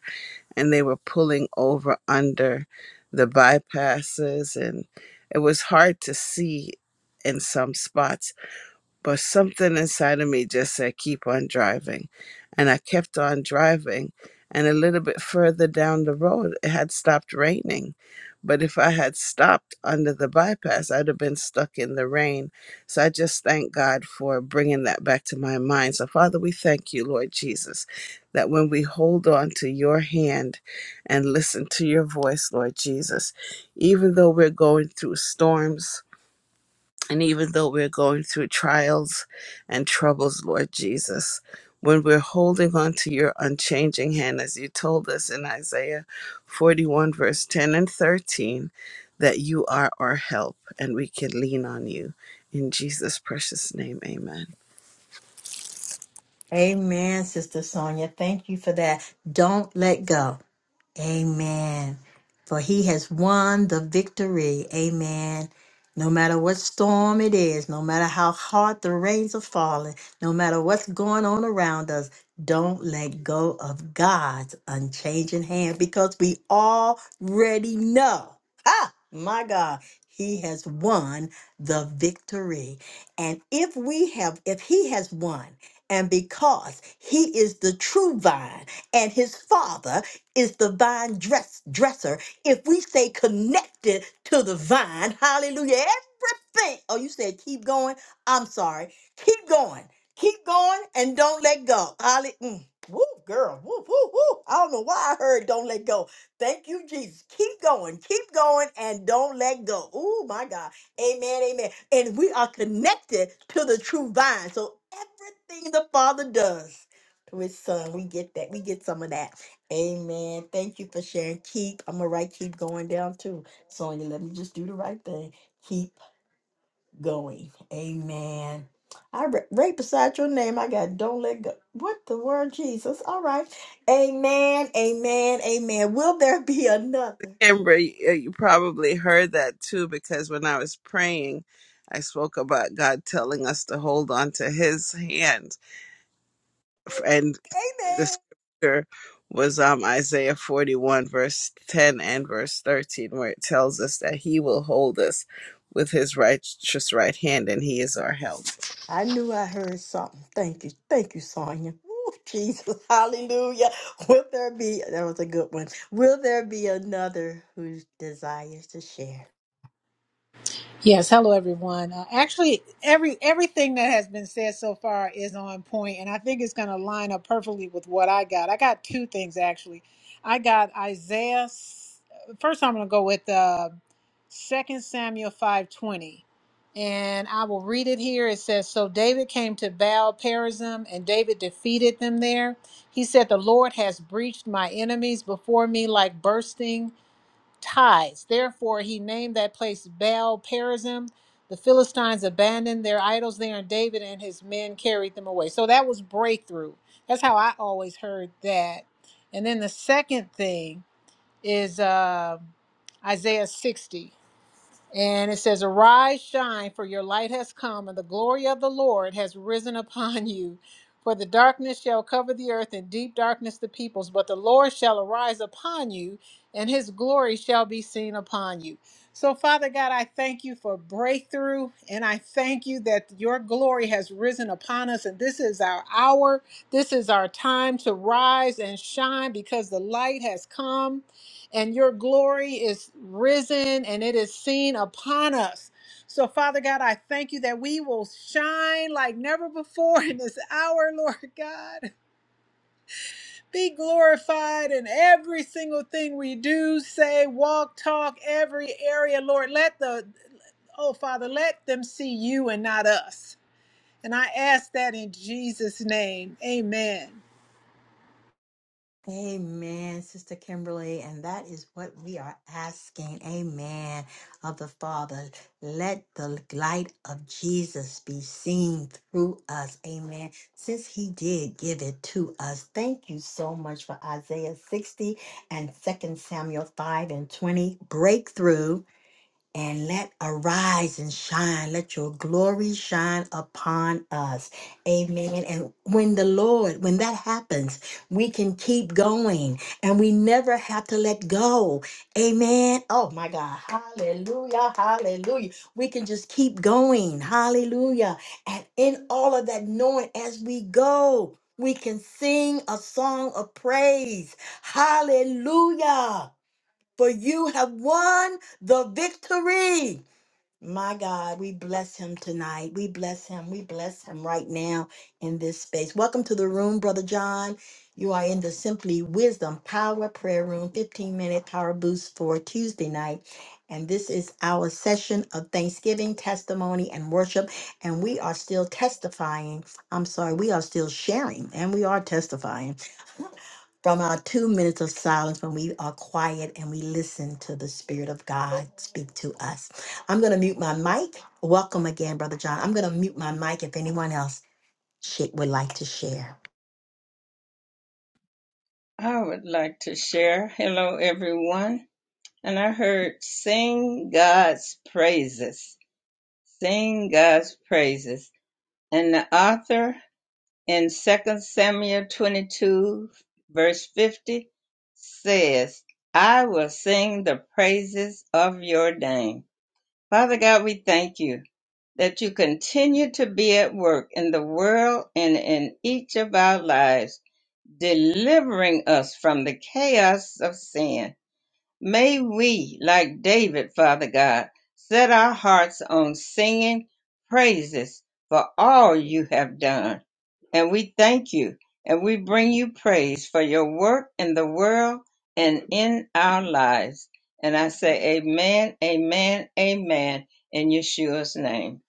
Speaker 7: and they were pulling over under the bypasses, and it was hard to see in some spots but something inside of me just said keep on driving and i kept on driving and a little bit further down the road it had stopped raining but if i had stopped under the bypass i'd have been stuck in the rain so i just thank god for bringing that back to my mind so father we thank you lord jesus that when we hold on to your hand and listen to your voice lord jesus even though we're going through storms and even though we're going through trials and troubles, Lord Jesus, when we're holding on to your unchanging hand, as you told us in Isaiah 41, verse 10 and 13, that you are our help and we can lean on you. In Jesus' precious name, amen.
Speaker 1: Amen, Sister Sonia. Thank you for that. Don't let go. Amen. For he has won the victory. Amen. No matter what storm it is, no matter how hard the rains are falling, no matter what's going on around us, don't let go of God's unchanging hand because we already know. Ah, my God, he has won the victory. And if we have, if he has won, and because he is the true vine, and his father is the vine dress dresser. If we stay connected to the vine, hallelujah, everything. Oh, you said keep going. I'm sorry. Keep going. Keep going and don't let go. Holly, mm. Woo, girl. Woo, woo, woo. I don't know why I heard don't let go. Thank you, Jesus. Keep going. Keep going and don't let go. Oh, my God. Amen. Amen. And we are connected to the true vine. So everything the Father does to his son, we get that. We get some of that. Amen. Thank you for sharing. Keep, I'm gonna write keep going down too. Sonya, let me just do the right thing. Keep going. Amen. I re- right beside your name, I got don't let go. What the word, Jesus? All right. Amen. Amen. Amen. Will there be another?
Speaker 7: Amber, you you probably heard that too, because when I was praying, I spoke about God telling us to hold on to his hand and. the
Speaker 1: Amen.
Speaker 7: scripture was um, Isaiah 41, verse 10 and verse 13, where it tells us that he will hold us with his righteous right hand and he is our help.
Speaker 1: I knew I heard something. Thank you. Thank you, Sonya. Ooh, Jesus. Hallelujah. Will there be that was a good one. Will there be another who desires to share?
Speaker 3: Yes, hello everyone. Uh, actually, every everything that has been said so far is on point, and I think it's going to line up perfectly with what I got. I got two things actually. I got Isaiah. s- First, I'm going to go with uh, 2 Samuel five twenty, and I will read it here. It says, "So David came to Baal Perazim, and David defeated them there. He said, 'The Lord has breached my enemies before me like bursting." tithes. Therefore, he named that place Baal Perazim. The Philistines abandoned their idols there, and David and his men carried them away. So that was breakthrough. That's how I always heard that. And then the second thing is uh, Isaiah 60. And it says, Arise, shine, for your light has come, and the glory of the Lord has risen upon you. For the darkness shall cover the earth, and deep darkness the peoples. But the Lord shall arise upon you, and his glory shall be seen upon you. So, Father God, I thank you for breakthrough, and I thank you that your glory has risen upon us. And this is our hour, this is our time to rise and shine because the light has come and your glory is risen and it is seen upon us. So, Father God, I thank you that we will shine like never before in this hour, Lord God. Be glorified in every single thing we do, say, walk, talk, every area, Lord. Let the, oh, Father, let them see you and not us. And I ask that in Jesus' name. Amen.
Speaker 1: Amen, Sister Kimberly. And that is what we are asking. Amen. Of the Father. Let the light of Jesus be seen through us. Amen. Since He did give it to us. Thank you so much for Isaiah 60 and Second Samuel 5 and 20. Breakthrough and let arise and shine. Let your glory shine upon us. Amen. And when the Lord, when that happens, we can keep going and we never have to let go. Amen. Oh my God. Hallelujah. Hallelujah. We can just keep going. Hallelujah. And in all of that knowing as we go, we can sing a song of praise. Hallelujah for you have won the victory. My God, we bless him tonight. We bless him. We bless him right now in this space. Welcome to the room, Brother John. You are in the Simply Wisdom Power Prayer Room, 15 minute power boost for Tuesday night. And this is our session of thanksgiving, testimony, and worship. And we are still testifying. I'm sorry, we are still sharing and we are testifying from our two minutes of silence when we are quiet and we listen to the Spirit of God speak to us. I'm going to mute my mic. Welcome again, Brother John. I'm going to mute my mic if anyone else shit would like to share.
Speaker 2: I would like to share. Hello, everyone. And I heard sing God's praises. Sing God's praises. And the author in 2 Samuel 22, verse 50 says, I will sing the praises of your name. Father God, we thank you that you continue to be at work in the world and in each of our lives delivering us from the chaos of sin. May we, like David, Father God, set our hearts on singing praises for all you have done. And we thank you and we bring you praise for your work in the world and in our lives. And I say, Amen, Amen, Amen, in Yeshua's name.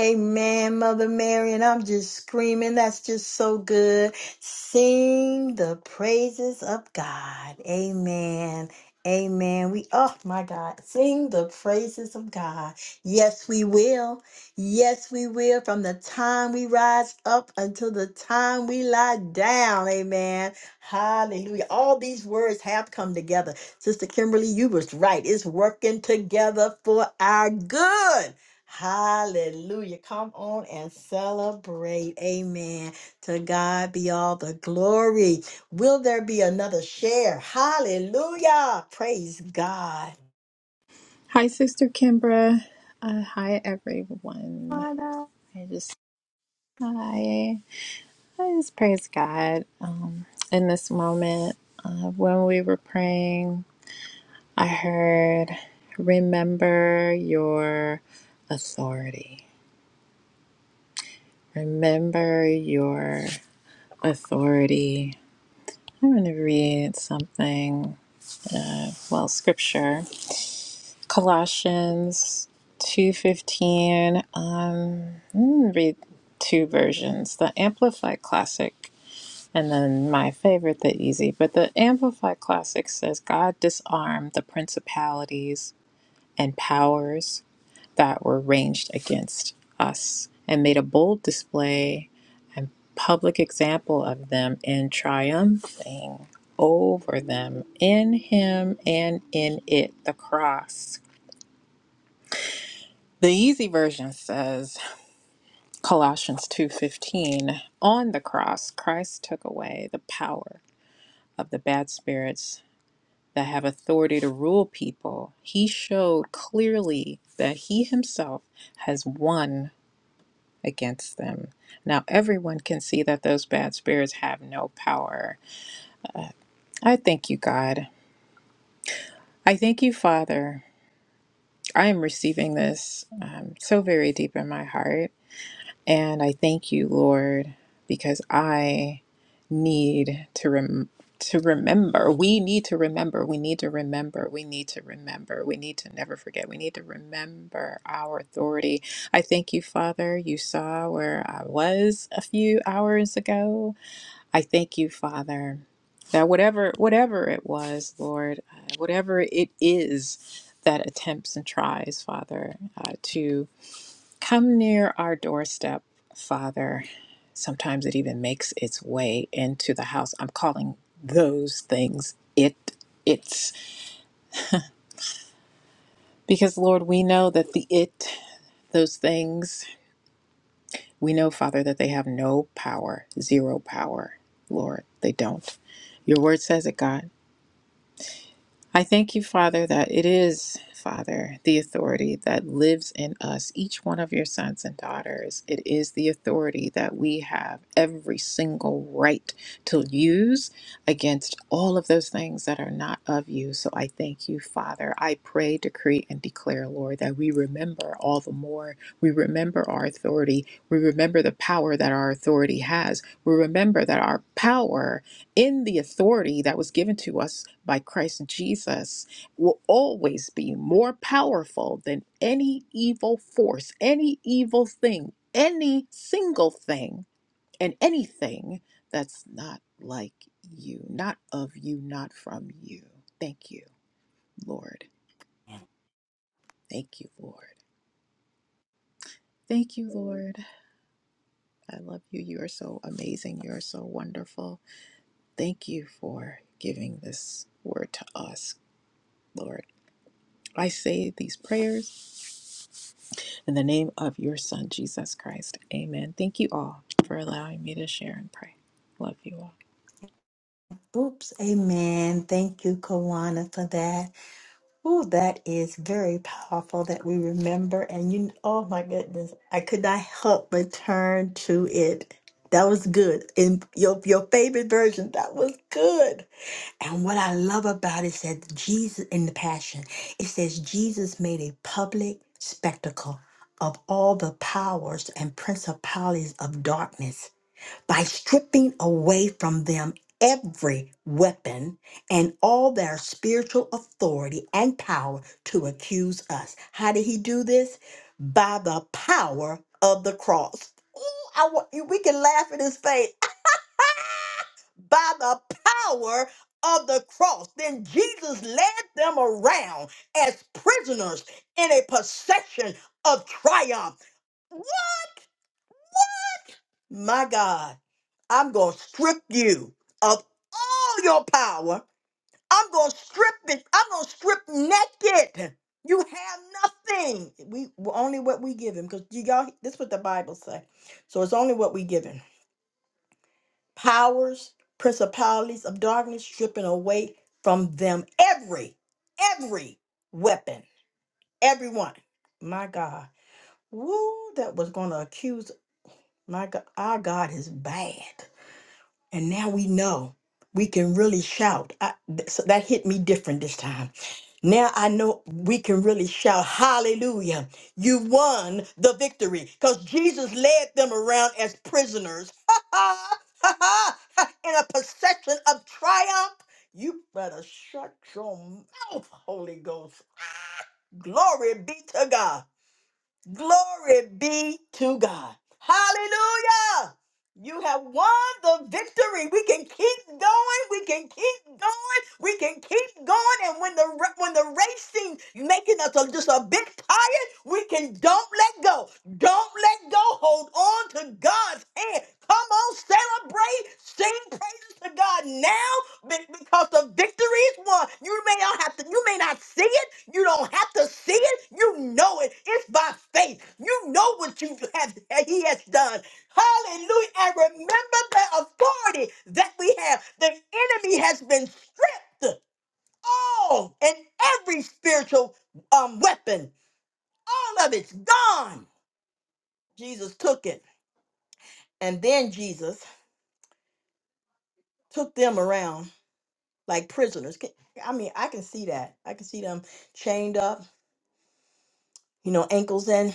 Speaker 1: Amen, Mother Mary, and I'm just screaming. That's just so good. Sing the praises of God. Amen. Amen. We, oh my God, sing the praises of God. Yes, we will. Yes, we will. From the time we rise up until the time we lie down. Amen. Hallelujah. All these words have come together. Sister Kimberly, you was right. It's working together for our good. Hallelujah. Come on and celebrate. Amen. To God be all the glory. Will there be another share? Hallelujah. Praise God.
Speaker 6: Hi, Sister Kimbra. Uh, hi, everyone. I just, hi. I just praise God um, in this moment. Uh, when we were praying, I heard, remember your authority Remember your authority. I'm going to read something, well, scripture. Colossians 2:15. Um, I'm gonna read two versions, the Amplified Classic and then my favorite, the Easy. But the Amplified Classic says God disarmed the principalities and powers that were ranged against us and made a bold display and public example of them in triumphing over them in him and in it the cross the easy version says colossians 2.15 on the cross christ took away the power of the bad spirits that have authority to rule people he showed clearly that he himself has won against them. Now everyone can see that those bad spirits have no power. I thank you, God. I thank you, Father. I am receiving this um, so very deep in my heart. And I thank you, Lord, because I need to rem- to remember. We need to remember. We need to remember. We need to remember. We need to never forget. We need to remember our authority. I thank you, Father. You saw where I was a few hours ago I thank you, Father, that whatever whatever it was, Lord, uh, whatever it is that attempts and tries, Father, uh, to come near our doorstep, Father, sometimes it even makes its way into the house. I'm calling those things it it's because Lord, we know that the it those things, we know, Father, that they have no power, zero power, Lord. They don't. Your word says it, God. I thank you, Father, that it is, Father, the authority that lives in us, each one of your sons and daughters. It is the authority that we have every single right to use against all of those things that are not of you. So I thank you, Father. I pray, decree, and declare, Lord, that we remember all the more. We remember our authority. We remember the power that our authority has. We remember that our power in the authority that was given to us by Christ Jesus will always be more powerful than any evil force, any evil thing, any single thing, and anything that's not like you, not of you, not from you. Thank you, Lord. Thank you, Lord. Thank you, Lord. I love you. You are so amazing. You are so wonderful. Thank you for giving this word to us, Lord. I say these prayers in the name of your Son, Jesus Christ. Amen. Thank you all for allowing me to share and pray. Love you all.
Speaker 1: Oops. Amen. Thank you, Kawana, for that. Oh, that is very powerful that we remember. And you, oh my goodness, I could not help but turn to it. That was good. In your, your favorite version, that was good. And what I love about it says Jesus in the Passion, it says Jesus made a public spectacle of all the powers and principalities of darkness by stripping away from them every weapon and all their spiritual authority and power to accuse us. How did he do this? By the power of the cross. Ooh, I want, we can laugh in his face by the power of the cross. Then Jesus led them around as prisoners in a procession of triumph. What? My God, I'm going to strip you of all your power. I'm going to strip it. I'm going to strip naked. You have nothing. We only what we give him because you y'all. This is what the Bible say. So it's only what we give him. powers, principalities of darkness, stripping away from them every, every weapon, everyone. My God, woo, that was going to accuse. My God, our God is bad. And now we know we can really shout. I, th- so that hit me different this time. Now I know we can really shout, Hallelujah. You won the victory because Jesus led them around as prisoners in a procession of triumph. You better shut your mouth, Holy Ghost. Glory be to God. Glory be to God. Hallelujah. You have won the victory. We can keep going. We can keep going. We can keep going. And when the ra- when the race seems making us a- just a bit tired, we can don't let go. Don't let go. Hold on to God's hand. Come on, celebrate. Sing praises to God now be- Because the victory is won. You may not have to, you may not see it. You don't have to see it. You know it. It's by faith. You know what you have he has done. Hallelujah. And remember the authority that we have. The enemy has been stripped all and every spiritual um weapon. All of it's gone. Jesus took it. And then Jesus took them around like prisoners. Can- I mean, I can see that. I can see them chained up you know, ankles in.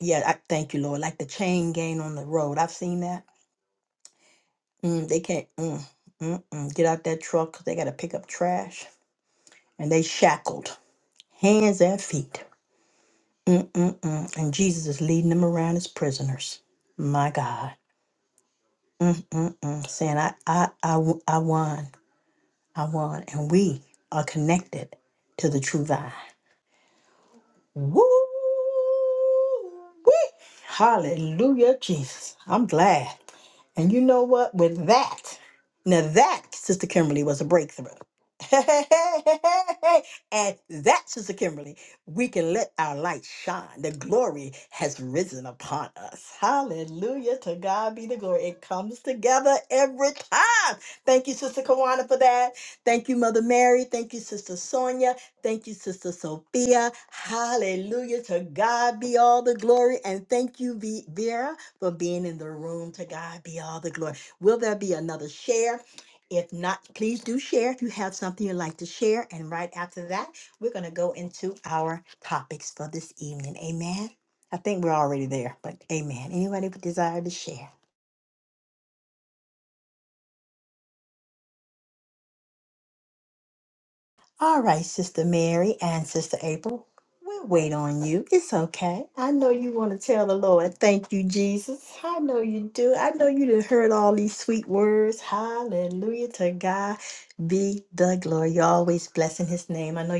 Speaker 1: Yeah, I thank you, Lord. Like the chain gang on the road. I've seen that. Mm, they can't mm, mm, mm, get out that truck 'cause they got to pick up trash. And they shackled, hands and feet. Mm, mm, mm. And Jesus is leading them around as prisoners. My God. Mm, mm, mm. Saying, I, I, I, w- I won. I won. And we are connected to the true vine. Woo! Hallelujah, Jesus. I'm glad. And you know what? With that, now that, Sister Kimberly, was a breakthrough. and that, Sister Kimberly, we can let our light shine. The glory has risen upon us. Hallelujah. To God be the glory. It comes together every time. Thank you, Sister Kawana, for that. Thank you, Mother Mary. Thank you, Sister Sonia. Thank you, Sister Sophia. Hallelujah. To God be all the glory. And thank you, V- Vera, for being in the room. To God be all the glory. Will there be another share? If not, please do share if you have something you'd like to share. And right after that, we're going to go into our topics for this evening. Amen. I think we're already there, but amen. Anybody with desire to share? All right, Sister Mary and Sister April. I thank Jesus. I know you do. I know you. I, be- I know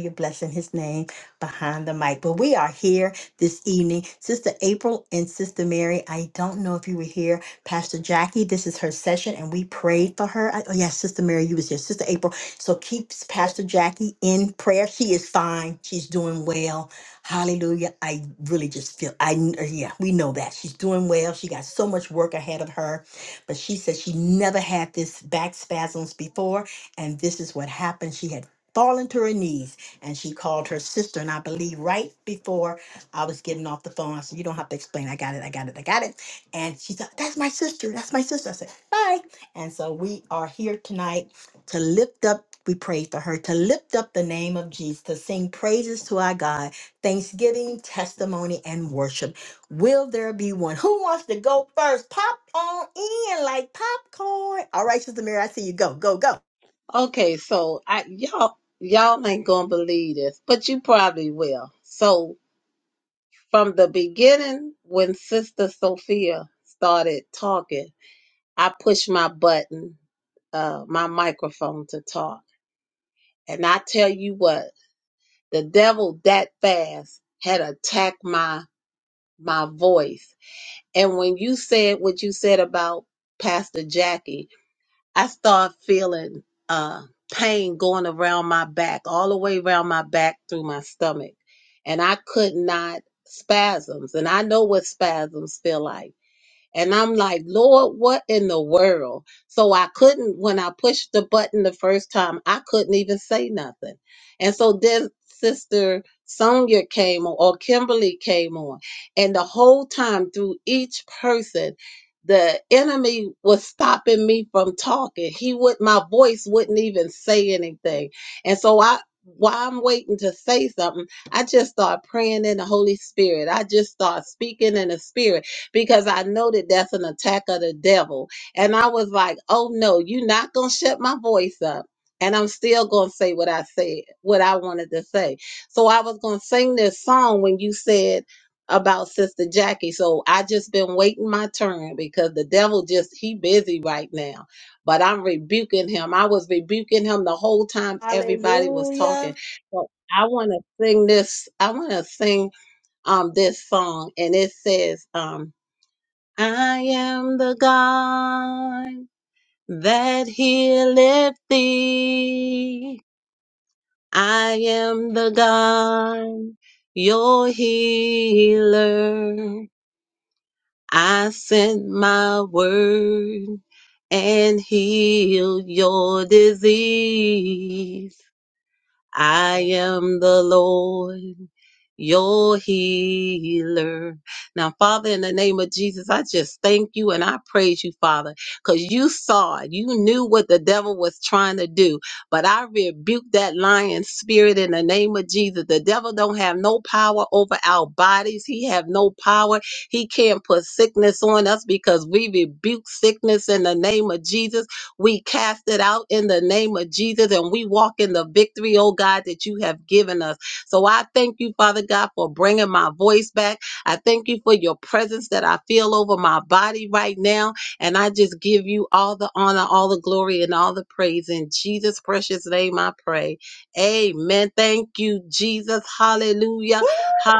Speaker 1: his name behind the mic. But we are here this evening. Sister April and Sister Mary, I don't know if you were here. Pastor Jackie, this is her session, and we prayed for her. I, oh, yes, Sister Mary, you was here. Sister April. So keep Pastor Jackie in prayer. She is fine. She's doing well. Hallelujah. I really just feel, I, yeah, we know that. She's doing well. She got so much work ahead of her, but she said she never had this back spasms before. And this is what happened. She had fallen to her knees and she called her sister. And I believe right before I was getting off the phone, I said, You don't have to explain. I got it. I got it. I got it. And she said, That's my sister. That's my sister. I said, Bye. And so we are here tonight to lift up. We pray for her to lift up the name of Jesus, to sing praises to our God, thanksgiving, testimony, and worship. Will there be one? Who wants to go first? Pop on in like popcorn. All right, Sister Mary, I see you. Go, go, go.
Speaker 5: Okay, so I y'all y'all ain't gonna believe this, but you probably will. So from the beginning, when Sister Sophia started talking. I push my button, uh, my microphone to talk. And I tell you what, the devil that fast had attacked my my voice. And when you said what you said about Pastor Jackie, I start feeling uh pain going around my back, all the way around my back through my stomach. And I could not spasms. And I know what spasms feel like. And I'm like, Lord, what in the world? So I couldn't, when I pushed the button the first time, I couldn't even say nothing. And so then Sister Sonia came on, or Kimberly came on. And the whole time through each person, the enemy was stopping me from talking. He would, my voice wouldn't even say anything. And so I, while I'm waiting to say something, I just start praying in the Holy Spirit. I just start speaking in the Spirit because I know that that's an attack of the devil. And I was like, oh no, you're not going to shut my voice up. And I'm still going to say what I said, what I wanted to say. So I was going to sing this song when you said about Sister Jackie. So I just been waiting my turn because the devil just, he busy right now. But I'm rebuking him. I was rebuking him the whole time everybody was talking.
Speaker 1: Hallelujah.
Speaker 5: But I want to sing this, I want to sing um this song and it says um I am the God that healeth thee. I am the God, your healer. I sent my word and healed your disease. I am the Lord, your healer. Now, Father, in the name of Jesus, I just thank you and I praise you, Father, because you saw it. You knew what the devil was trying to do. But I rebuke that lion spirit in the name of Jesus. The devil don't have no power over our bodies. He have no power. He can't put sickness on us because we rebuke sickness in the name of Jesus we cast it out in the name of Jesus and we walk in the victory, oh God, that you have given us. So I thank you, Father God, for bringing my voice back. I thank you for your presence that I feel over my body right now. And I just give you all the honor, all the glory, and all the praise. In Jesus' precious name, I pray. Amen. Thank you, Jesus. Hallelujah.
Speaker 1: Woo!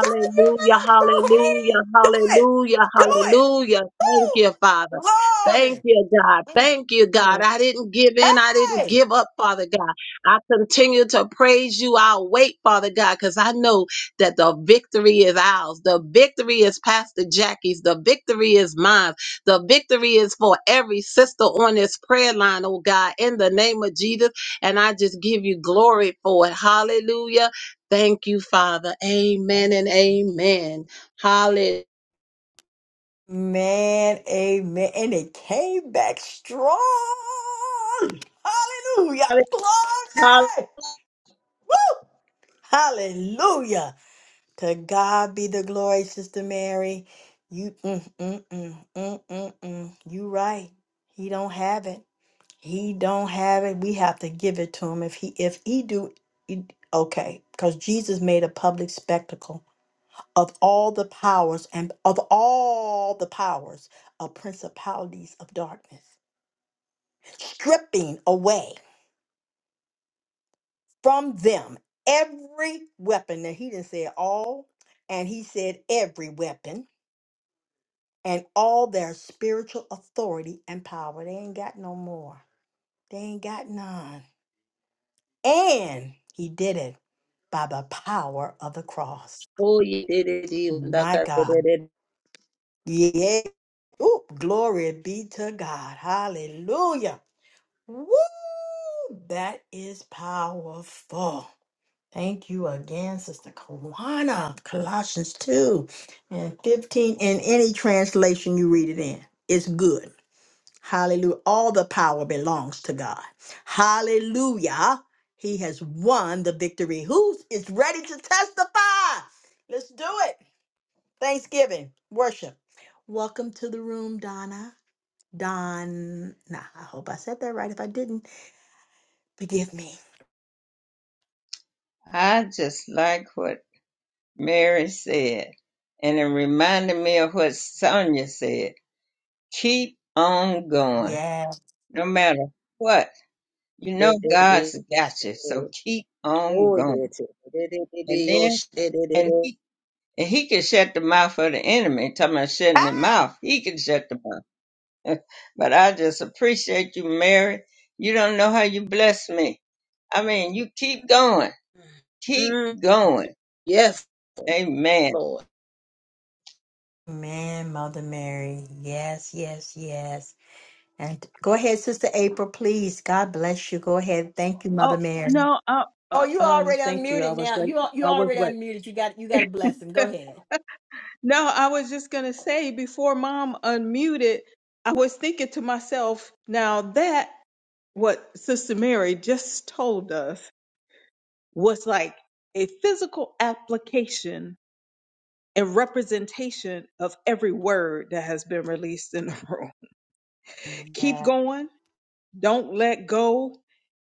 Speaker 1: God, you better go ahead.
Speaker 5: Hallelujah.
Speaker 1: Do it.
Speaker 5: Hallelujah.
Speaker 1: Do it.
Speaker 5: Hallelujah. Thank you, Father.
Speaker 1: Woo! Glory.
Speaker 5: Thank you, God.
Speaker 1: Mm.
Speaker 5: Thank you, God. I didn't give in. I didn't
Speaker 1: Hey!
Speaker 5: give up, Father God. I continue to praise you. I'll wait, Father God, because I know that the victory is ours. The victory is Pastor Jackie's. The victory is mine. The victory is for every sister on this prayer line, oh God, in the name of Jesus. And I just give you glory for it. Hallelujah. Thank you, Father. Amen and amen. Hallelujah.
Speaker 1: Man, amen. And it came back strong. Hallelujah. Glory. Woo! Hallelujah. To God be the glory, Sister Mary. You, mm, mm, mm, mm, mm, mm. you right. He don't have it. He don't have it. We have to give it to him. If he if he do he- okay, because Jesus made a public spectacle of all the powers and of all the powers of principalities of darkness, stripping away from them every weapon. Now he didn't say all, and he said every weapon and all their spiritual authority and power. They ain't got no more. They ain't got none. And he did it by the power of the cross. My God.
Speaker 5: Hallelujah.
Speaker 1: Yeah. Ooh, glory be to God. Hallelujah. Woo! That is powerful. Thank you again, Sister Kawana. Colossians 2 and 15. In any translation you read it in, it's good. Hallelujah. All the power belongs to God. Hallelujah. He has won the victory. Who is ready to testify? Let's do it. Thanksgiving, worship. Welcome to the room, Donna. Don, nah, I hope I said that right. If I didn't, forgive me.
Speaker 2: I just like what Mary said, and it reminded me of what Sonia said. Keep on going,
Speaker 1: Yeah.
Speaker 2: no matter what. You
Speaker 5: de
Speaker 2: know
Speaker 5: de de
Speaker 2: God's got you, so keep on
Speaker 5: oh yeah
Speaker 2: going.
Speaker 5: to- de de de de
Speaker 2: And
Speaker 5: yo
Speaker 2: then,
Speaker 5: sh- de de de
Speaker 2: and
Speaker 5: de
Speaker 2: he, and he can shut the mouth of the enemy. Talking about shutting the
Speaker 1: Ah!
Speaker 2: mouth, he can shut the mouth. but I just appreciate you, Mary. You don't know how you bless me. I mean, you keep going, keep
Speaker 5: Mm,
Speaker 2: going.
Speaker 5: yes
Speaker 2: Amen.
Speaker 5: Lord
Speaker 1: Man, Mother Mary. Yes, yes, yes. And go ahead, Sister April, please. God bless you. Go ahead. Thank you,
Speaker 8: Oh
Speaker 1: Mother Mary.
Speaker 8: no, uh,
Speaker 1: Oh,
Speaker 8: uh,
Speaker 1: you
Speaker 8: um,
Speaker 1: already
Speaker 8: thank you. I
Speaker 1: unmuted
Speaker 8: was
Speaker 1: now.
Speaker 8: wait.
Speaker 1: You al- you
Speaker 8: I was
Speaker 1: already
Speaker 8: wait.
Speaker 1: unmuted. You got you got a blessing. Go ahead.
Speaker 8: no, I was just gonna say before Mom unmuted, I was thinking to myself, now that what Sister Mary just told us was like a physical application and representation of every word that has been released in the room. Keep going. Don't let go.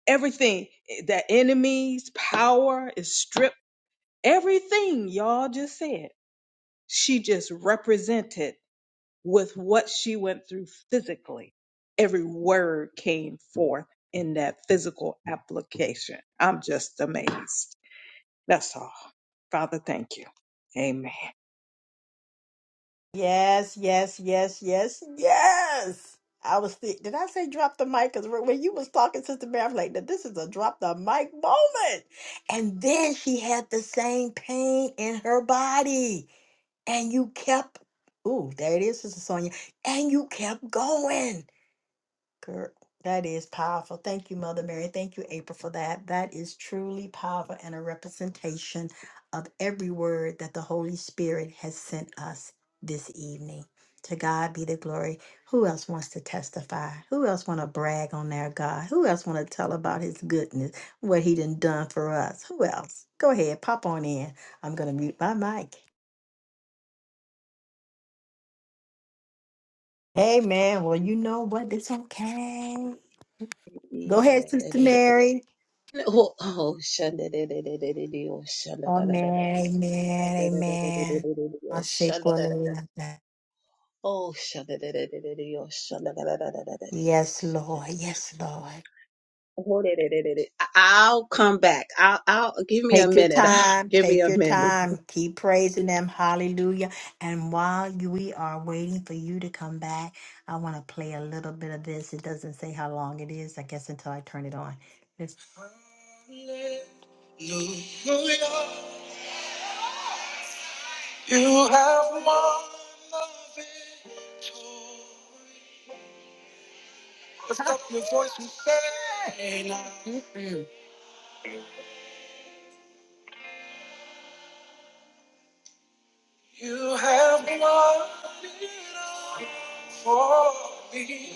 Speaker 8: Everything that enemies, power is stripped. Everything y'all just said She just represented with what she went through physically. Every word came forth in that physical application. I'm just amazed. That's all. Father, thank you. Amen.
Speaker 1: Yes, yes, yes, yes, yes. I was thi- did I say drop the mic? Because when you was talking, Sister Mary, I was like, "Now this is a drop the mic moment. And then she had the same pain in her body. And you kept, ooh, there it is, Sister Sonia. And you kept going. Girl, that is powerful. Thank you, Mother Mary. Thank you, April, for that. That is truly powerful and a representation of every word that the Holy Spirit has sent us this evening. To God be the glory. Who else wants to testify? Who else want to brag on their God? Who else want to tell about his goodness, what he done done for us? Who else? Go ahead, pop on in. I'm going to mute my mic. Hey, man. Well, you know what? It's okay. Go
Speaker 5: Yeah,
Speaker 1: ahead,
Speaker 5: de
Speaker 1: Sister
Speaker 5: de de de
Speaker 1: Mary.
Speaker 5: oh oh shanda de de de de de de oh shanda da da da da
Speaker 1: Amen, amen,
Speaker 5: Shanda de de de de
Speaker 1: amen.
Speaker 5: de de de de,
Speaker 1: I
Speaker 5: oh
Speaker 1: say
Speaker 5: shanda da da
Speaker 1: hallelujah.
Speaker 5: oh shanda de de de de de oh shanda da da da da da da de oh
Speaker 1: Yes,
Speaker 5: shanda
Speaker 1: Lord.
Speaker 5: de de de de
Speaker 1: Yes, Lord.
Speaker 5: Oh, de, de, de, de, de. I- I'll come back. I'll, I'll give me a
Speaker 1: Take your
Speaker 5: minute.
Speaker 1: time.
Speaker 5: Give me
Speaker 1: Take
Speaker 5: a
Speaker 1: your
Speaker 5: minute.
Speaker 1: time. Keep praising them. Hallelujah. And while you- we are waiting for you to come back, I want to play a little bit of this. It doesn't say how long it is, I guess, until I turn it on. Hallelujah. You have won the victory. Lift up your voice and say, now. You have done it all for me.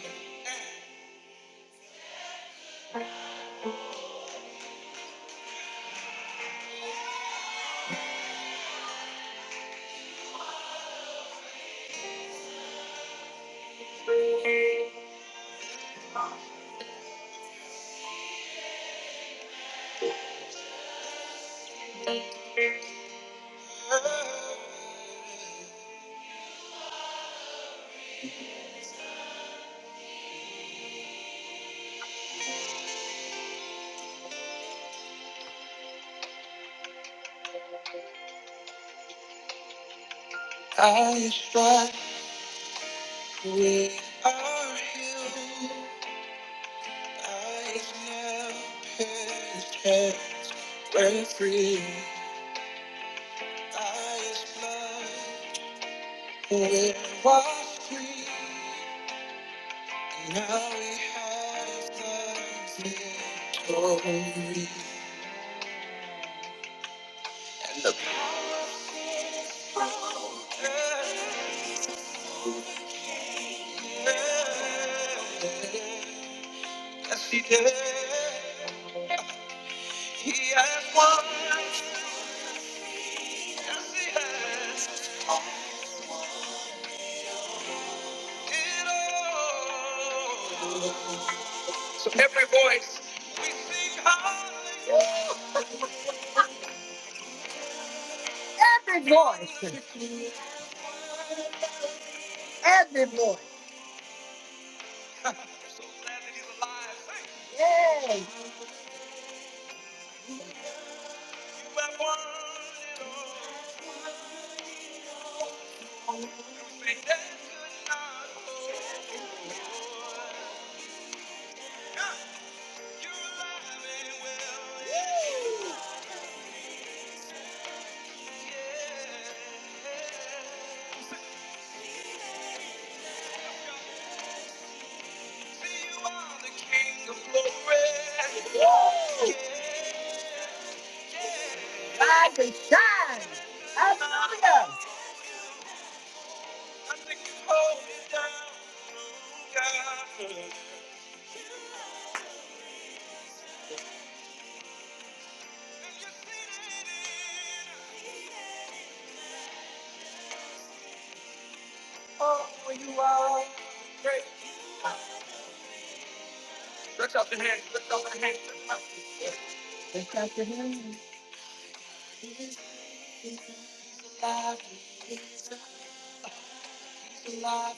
Speaker 1: I strive, with our healed. I am and free. I is blood, we was free. And now we have the victory. And the power is broken. Yes, he did. He has won. Yes, he has it all. So every voice, we sing hallelujah. I'm so glad that he's alive. Thank you. Yay. You have won it all. Say that could not hold. You're alive and well. Yay. Oh, you are great. Stretch out your hands, stretch out your hands, stretch out. He's alive.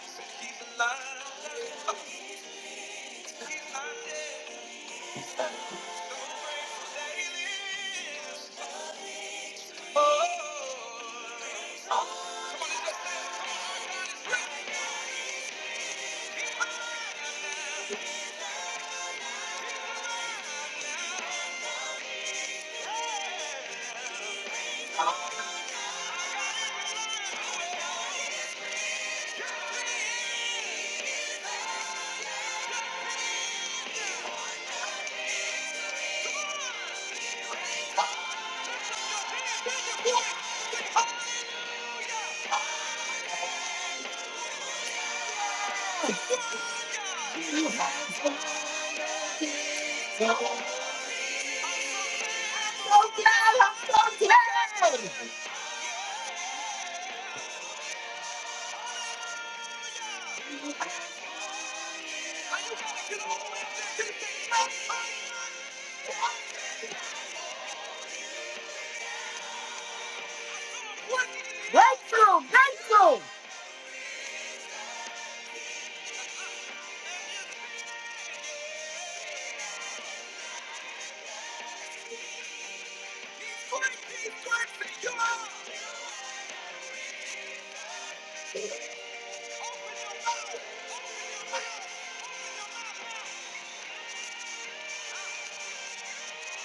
Speaker 1: he's alive.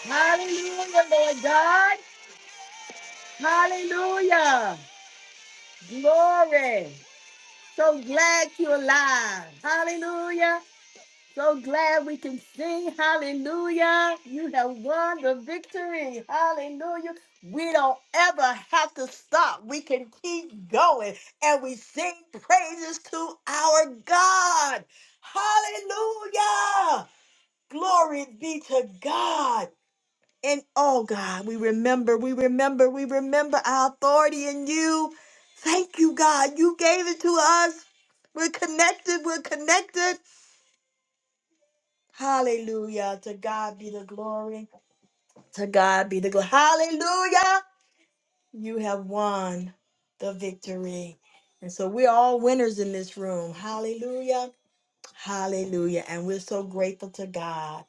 Speaker 1: Hallelujah, Lord God. Hallelujah. Glory. So glad you're alive. Hallelujah. So glad we can sing hallelujah. You have won the victory. Hallelujah. We don't ever have to stop. We can keep going and we sing praises to our God. Hallelujah. Glory be to God. And oh God, we remember, we remember, we remember our authority in you. Thank you, God. You gave it to us. We're connected. We're connected. Hallelujah. To God be the glory. To God be the glory. Hallelujah. You have won the victory. And so we're all winners in this room. Hallelujah. Hallelujah. And we're so grateful to God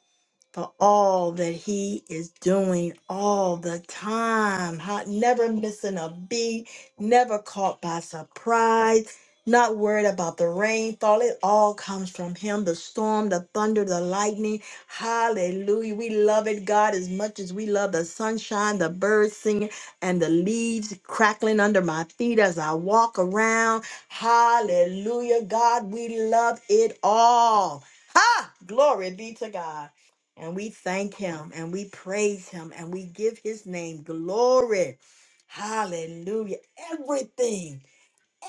Speaker 1: for all that he is doing all the time. How, never missing a beat, never caught by surprise, not worried about the rainfall. It all comes from him the storm, the thunder, the lightning. Hallelujah. We love it, God, as much as we love the sunshine, the birds singing, and the leaves crackling under my feet as I walk around. Hallelujah, God, we love it all. Ha! Glory be to God and we thank him and we praise him and we give his name glory. Hallelujah. Everything,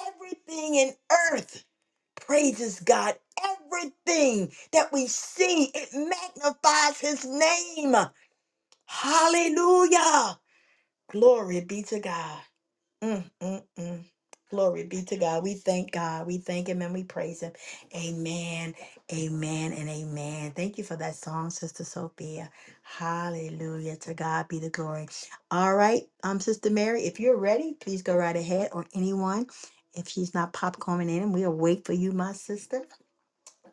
Speaker 1: everything in earth praises God. Everything that we see, it magnifies his name. Hallelujah. Glory be to God. Mm, mm, mm. Glory be to God. We thank God. We thank Him and we praise Him. Amen. Amen and amen. Thank you for that song, Sister Sophia. Hallelujah. To God be the glory. All right, um, Sister Mary, if you're ready, please go right ahead. Or anyone, if she's not popcorning in, we'll wait for you, my sister.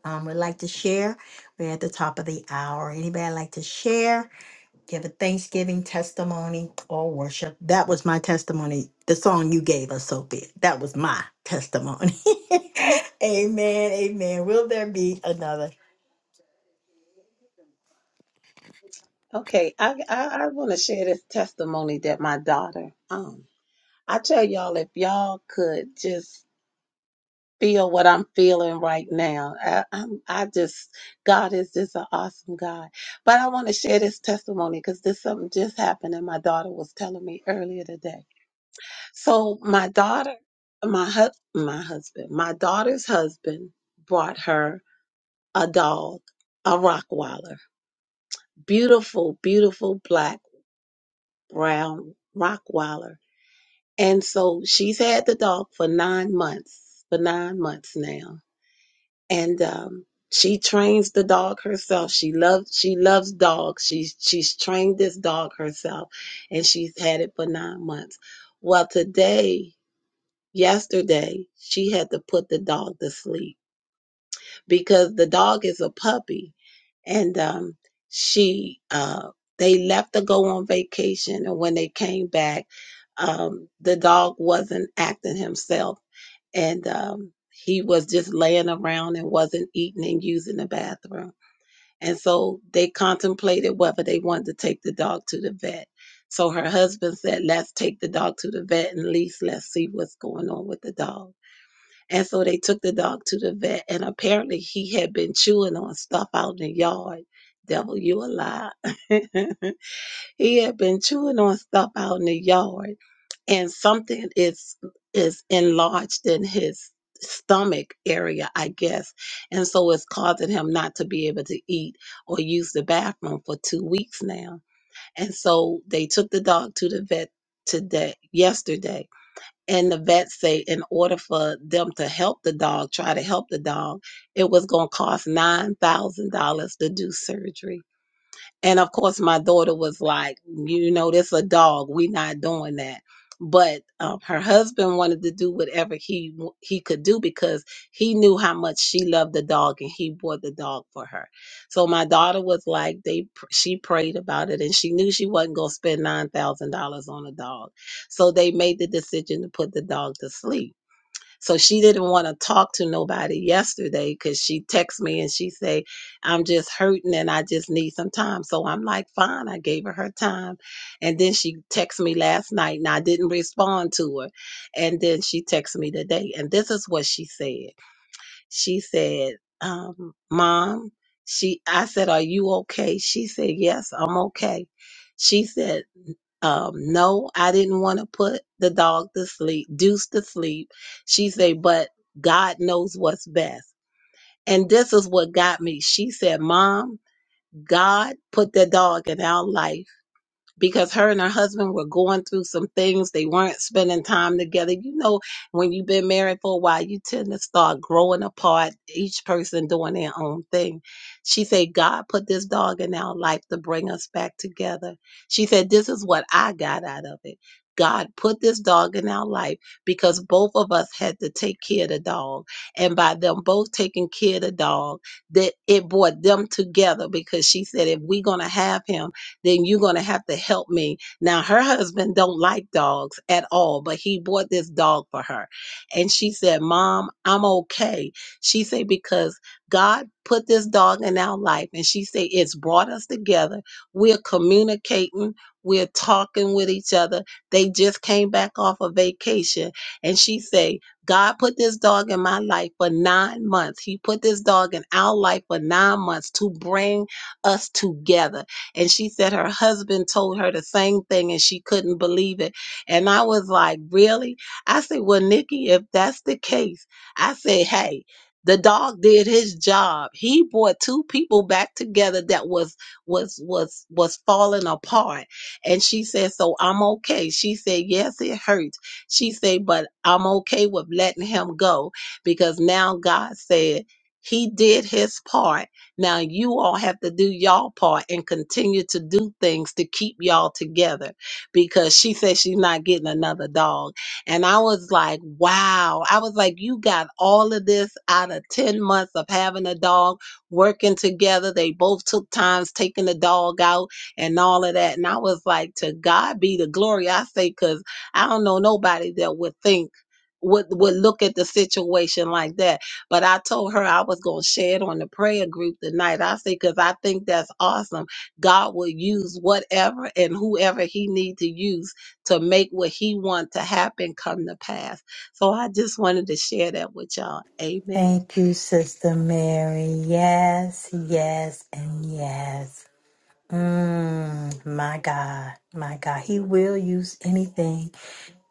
Speaker 1: Um, would like to share. We're at the top of the hour. Anybody like to share? give a thanksgiving testimony or worship. That was my testimony. The song you gave us, Sophia, that was my testimony. amen. Amen. Will there be another?
Speaker 5: Okay, I I, I want to share this testimony that my daughter. Um, I tell y'all if y'all could just feel what I'm feeling right now. I, I'm I just God is just an awesome God. But I want to share this testimony because this something just happened and my daughter was telling me earlier today. So my daughter, my hus my husband, my daughter's husband brought her a dog, a Rockwaller, beautiful, beautiful black. brown Rockwaller. And so she's had the dog for nine months, for nine months now. And um, she trains the dog herself. She loves she loves dogs. She's she's trained this dog herself and she's had it for nine months. Well today, yesterday, she had to put the dog to sleep because the dog is a puppy and um she uh they left to go on vacation and when they came back um the dog wasn't acting himself and um he was just laying around and wasn't eating and using the bathroom and so they contemplated whether they wanted to take the dog to the vet so her husband said let's take the dog to the vet and at least let's see what's going on with the dog and so they took the dog to the vet, and apparently he had been chewing on stuff out in the yard. Devil, you a lie. he had been chewing on stuff out in the yard, and something is is enlarged in his stomach area, I guess, and so it's causing him not to be able to eat or use the bathroom for two weeks now. And so they took the dog to the vet today, yesterday and the vet say in order for them to help the dog, try to help the dog, it was going to cost $9,000 to do surgery. And of course, my daughter was like, you know, this a dog. we not doing that. But um, her husband wanted to do whatever he w- he could do because he knew how much she loved the dog, and he bought the dog for her. So my daughter was like, they pr- she prayed about it, and she knew she wasn't gonna spend nine thousand dollars on a dog. So they made the decision to put the dog to sleep so she didn't want to talk to nobody yesterday because she texted me and she say, I'm just hurting and I just need some time. So I'm like, fine, I gave her her time. And then she texted me last night and I didn't respond to her. And then she texted me today. And this is what she said. She said, um, mom, she, I said, are you okay? She said, yes, I'm okay. She said, um, no, I didn't want to put the dog to sleep, Deuce to sleep. She said, but God knows what's best. And this is what got me. She said, Mom, God put that dog in our life because her and her husband were going through some things. They weren't spending time together. You know, when you've been married for a while, you tend to start growing apart, each person doing their own thing. She said, God put this dog in our life to bring us back together. She said, This is what I got out of it. God put this dog in our life because both of us had to take care of the dog. And by them both taking care of the dog, that it brought them together because she said, if we're gonna have him, then you're going to have to help me. Now her husband don't like dogs at all, but he bought this dog for her. And she said, "Mom, I'm okay." She said because God put this dog in our life and she said it's brought us together. We're communicating, we're talking with each other. They just came back off a vacation and she said, God put this dog in my life for nine months. He put this dog in our life for nine months to bring us together. And she said her husband told her the same thing and she couldn't believe it. And I was like, Really? I said, Well, Nikki, if that's the case, I said, Hey, the dog did his job. He brought two people back together that was was was was falling apart. And she said, So I'm okay. She said, Yes, it hurts. She said, But I'm okay with letting him go because now God said he did his part now you all have to do y'all part and continue to do things to keep y'all together because she said she's not getting another dog. And I was like, wow. I was like, you got all of this out of 10 months of having a dog, working together. They both took times taking the dog out and all of that. And I was like, to God be the glory. I say, because I don't know nobody that would think would would look at the situation like that but I told her I was going to share it on the prayer group tonight. I said, because I think that's awesome. God will use whatever and whoever he need to use to make what he want to happen come to pass. So I just wanted to share that with y'all. Amen.
Speaker 1: Thank you, Sister Mary. Yes, yes, and yes. Mm, my God, my God. He will use anything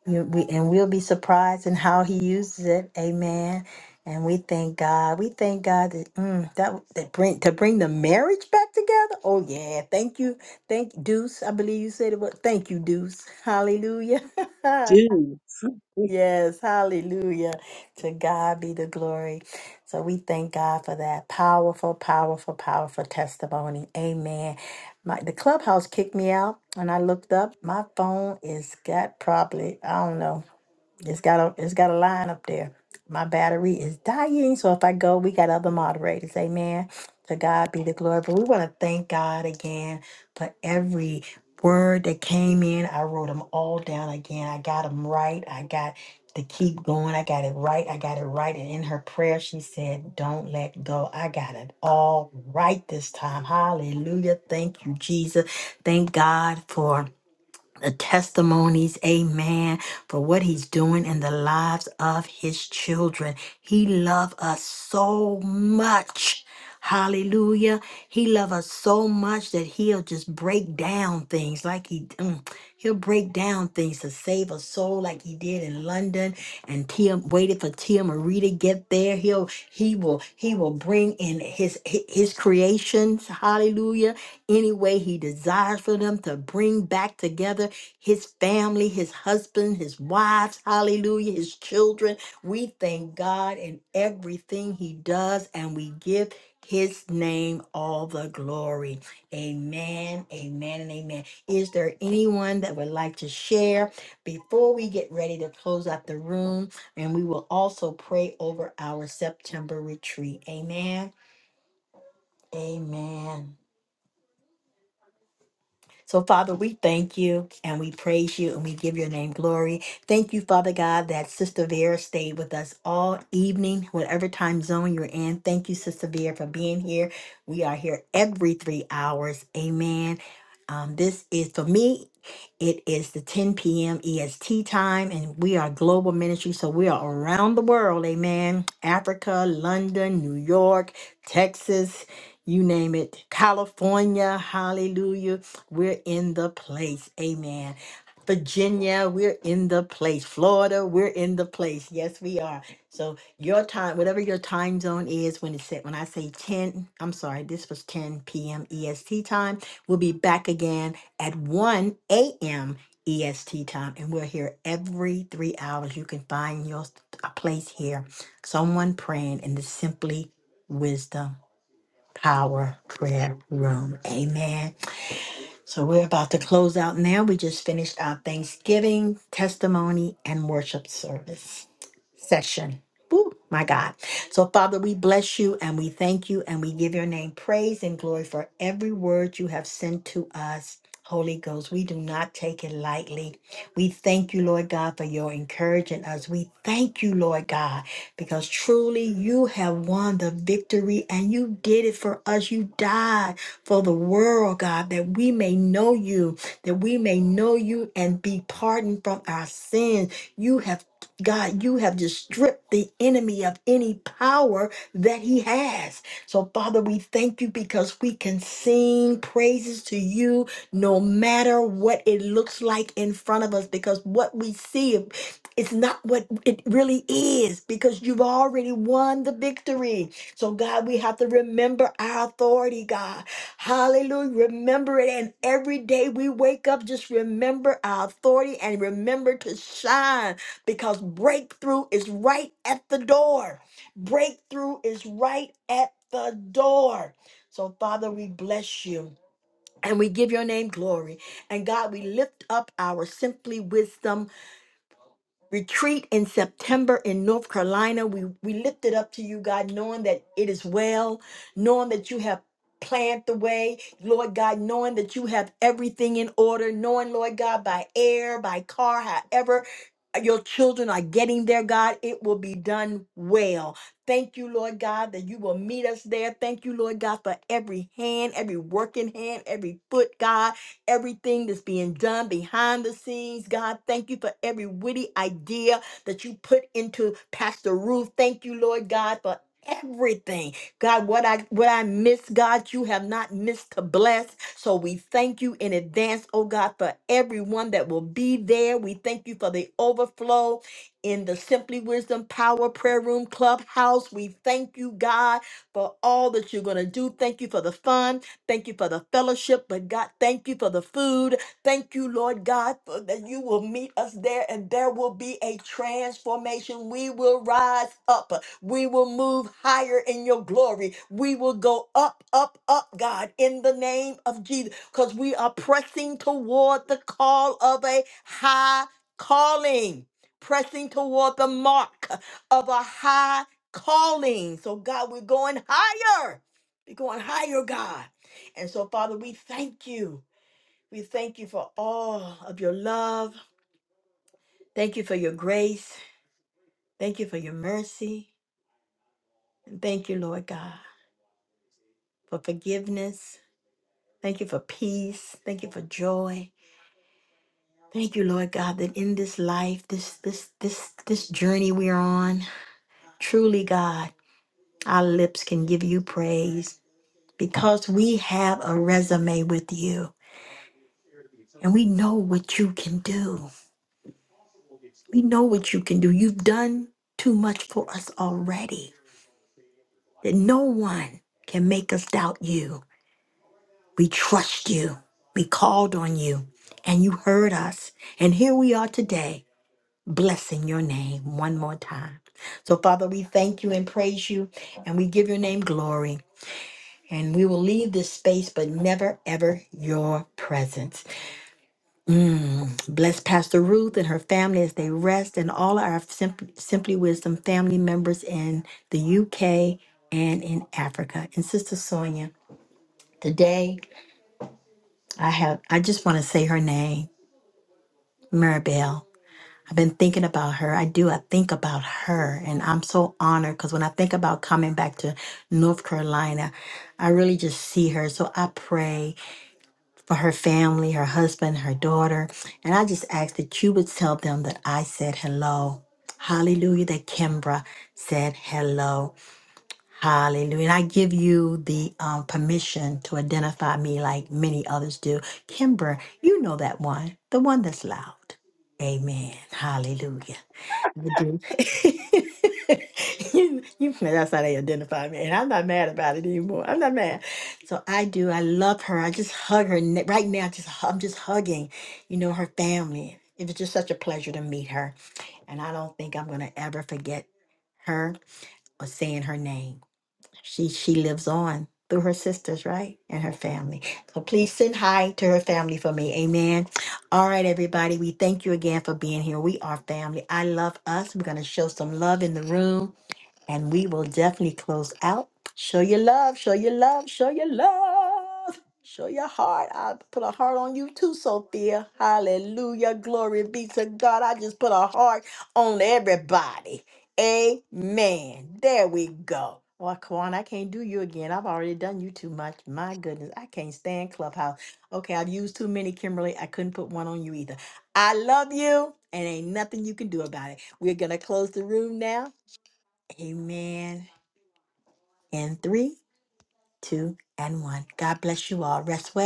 Speaker 1: You- we- And we'll be surprised in how he uses it. Amen. And we thank God. We thank God that mm, that, that bring to bring the marriage back together. Oh yeah. Thank you. Thank Deuce. I believe you said it was thank you, Deuce. Hallelujah.
Speaker 5: Do.
Speaker 1: yes, hallelujah. To God be the glory. So we thank God for that powerful, powerful, powerful testimony. Amen. My the clubhouse kicked me out and I looked up. My phone is got probably, I don't know. It's got a it's got a line up there. My battery is dying, so if I go, we got other moderators. Amen. To God be the glory. But we want to thank God again for every word that came in. I wrote them all down again. I got them right. I got to keep going. I got it right. I got it right. And in her prayer, she said, "Don't let go." I got it all right this time. Hallelujah. Thank you, Jesus. Thank God for the testimonies, amen, for what he's doing in the lives of people. He will bring in his creations, hallelujah, any way he desires for them to bring back together his family. husband, his wives, hallelujah, his children. We thank God in everything he does and we give his name all the glory. Amen, amen, and amen. Is there anyone that would like to share before we get ready to close out the room? And we will also pray over our September retreat. Amen, amen. So, Father, we us all evening when you're in here for being here every hours. Amen. Um, this is for me. It is the 10 p.m. EST time, and we are global ministry, so we are around the world, amen. Africa, London, New York, Texas, you name it, California, hallelujah. We're in the place, amen. Virginia, we're in the place. Florida, we're in the place. Yes, we are. So your time, whatever your time zone is, when it's set, when I say 10, I'm sorry, this was 10 p.m. EST time. We'll be back again at 1 a.m. EST time, and we're here every three hours. You can find your a place here, someone praying in the Simply Wisdom Power Prayer Room. Amen. So we're about to close out now. We just finished our Thanksgiving testimony and worship service session. Woo, my God. So, Father, we bless you and we thank you and we give your name praise and glory for every word you have sent to us. Holy Ghost, we do not take it lightly. We thank you, Lord God, for your encouraging us. We thank you, Lord God, because truly you have won the victory and you did it for us. You died for the world, God, that we may know you, that we may know you and be pardoned from our sins. You have God, you have just stripped the enemy of any power that he has. So, Father, we thank you because we can sing praises to you no matter what it looks like in front of us, because what we see it's not what it really is because you've already won the victory. So, God, we have to remember our authority, God. Hallelujah. Remember it. And every day we wake up, just remember our authority and remember to shine because breakthrough is right at the door. Breakthrough is right at the door. So, Father, we bless you. And we give your name glory. And God, we lift up our Simply Wisdom retreat in September in North Carolina. We we lift it up to you, God, knowing that it is well, knowing that you have planned the way, Lord God, knowing that you have everything in order, knowing, Lord God, by air, by car, however your children are getting there, God, it will be done well. Thank you, Lord God, that you will meet us there. Thank you, Lord God, for every hand, every working hand, every foot, God everything that's being done behind the scenes. God, thank you for every witty idea that you put into Pastor Ruth. Thank you, Lord God, for everything. God, what I what I miss, God, you have not missed to bless. So we thank you in advance, oh God, for everyone that will be there. We thank you for the overflow in the Simply Wisdom Power Prayer Room Clubhouse. We thank you, God, for all that you're going to do. Thank you for the fun. Thank you for the fellowship, but God, thank you for the food. Thank you, Lord God, for that you will meet us there and there will be a transformation. We will rise up. We will move higher in your glory. We will go up, up, up, God, in the name of Jesus, because we are pressing toward the call of a high calling, pressing toward the mark of a high calling. So, God, we're going higher. We're going higher, God. And so, Father, we thank you. We thank you for all of your love. Thank you for your grace. Thank you for your mercy. And thank you, Lord God, for forgiveness. Thank you for peace. Thank you for joy. Thank you, Lord God, that in this life, this this this this journey we're on, truly, God, our lips can give you praise because we have a resume with you and we know what you can do. We know what you can do. You've done too much for us already that no one can make us doubt you. We trust you. We called on you and you heard us. And here we are today, blessing your name one more time. So, Father, we thank you and praise you and we give your name glory. And we will leave this space, but never, ever your presence. Mm. Bless Pastor Ruth and her family as they rest, and all our Simply, Simply Wisdom family members in the UK and in Africa. And Sister Sonia, today I have I just want to say her name, Maribel. I've been thinking about her. I do. I think about her, and I'm so honored because when I think about coming back to North Carolina, I really just see her. So I pray for her family, her husband, her daughter. And I just ask that you would tell them that I said hello. Hallelujah, that Kimbra said hello. Hallelujah. And I give you the um, permission to identify me like many others do. Kimbra, you know that one, the one that's loud. Amen. Hallelujah. I do. you, you, that's how they identify me. And I'm not mad about it anymore. I'm not mad. So I do. I love her. I just hug her. ne- Right now, just hu- I'm just hugging, you know, her family. It was just such a pleasure to meet her. And I don't think I'm going to ever forget her or saying her name she she lives on through her sisters, right? And her family. So please send hi to her family for me. Amen. All right, everybody. We thank you again for being here. We are family. I love us. We're gonna show some love in the room. And we will definitely close out. Show your love, show your love, show your love, show your heart. I put a heart on you too, Sophia. Hallelujah. Glory be to God. I just put a heart on everybody. Amen. There we go. Well, Kwan, I can't do you again. I've already done you too much. My goodness, I can't stand Clubhouse. Okay, I've used too many, Kimberly. I couldn't put one on you either. I love you, and ain't nothing you can do about it. We're going to close the room now Amen. In three, two, and one. God bless you all. Rest well.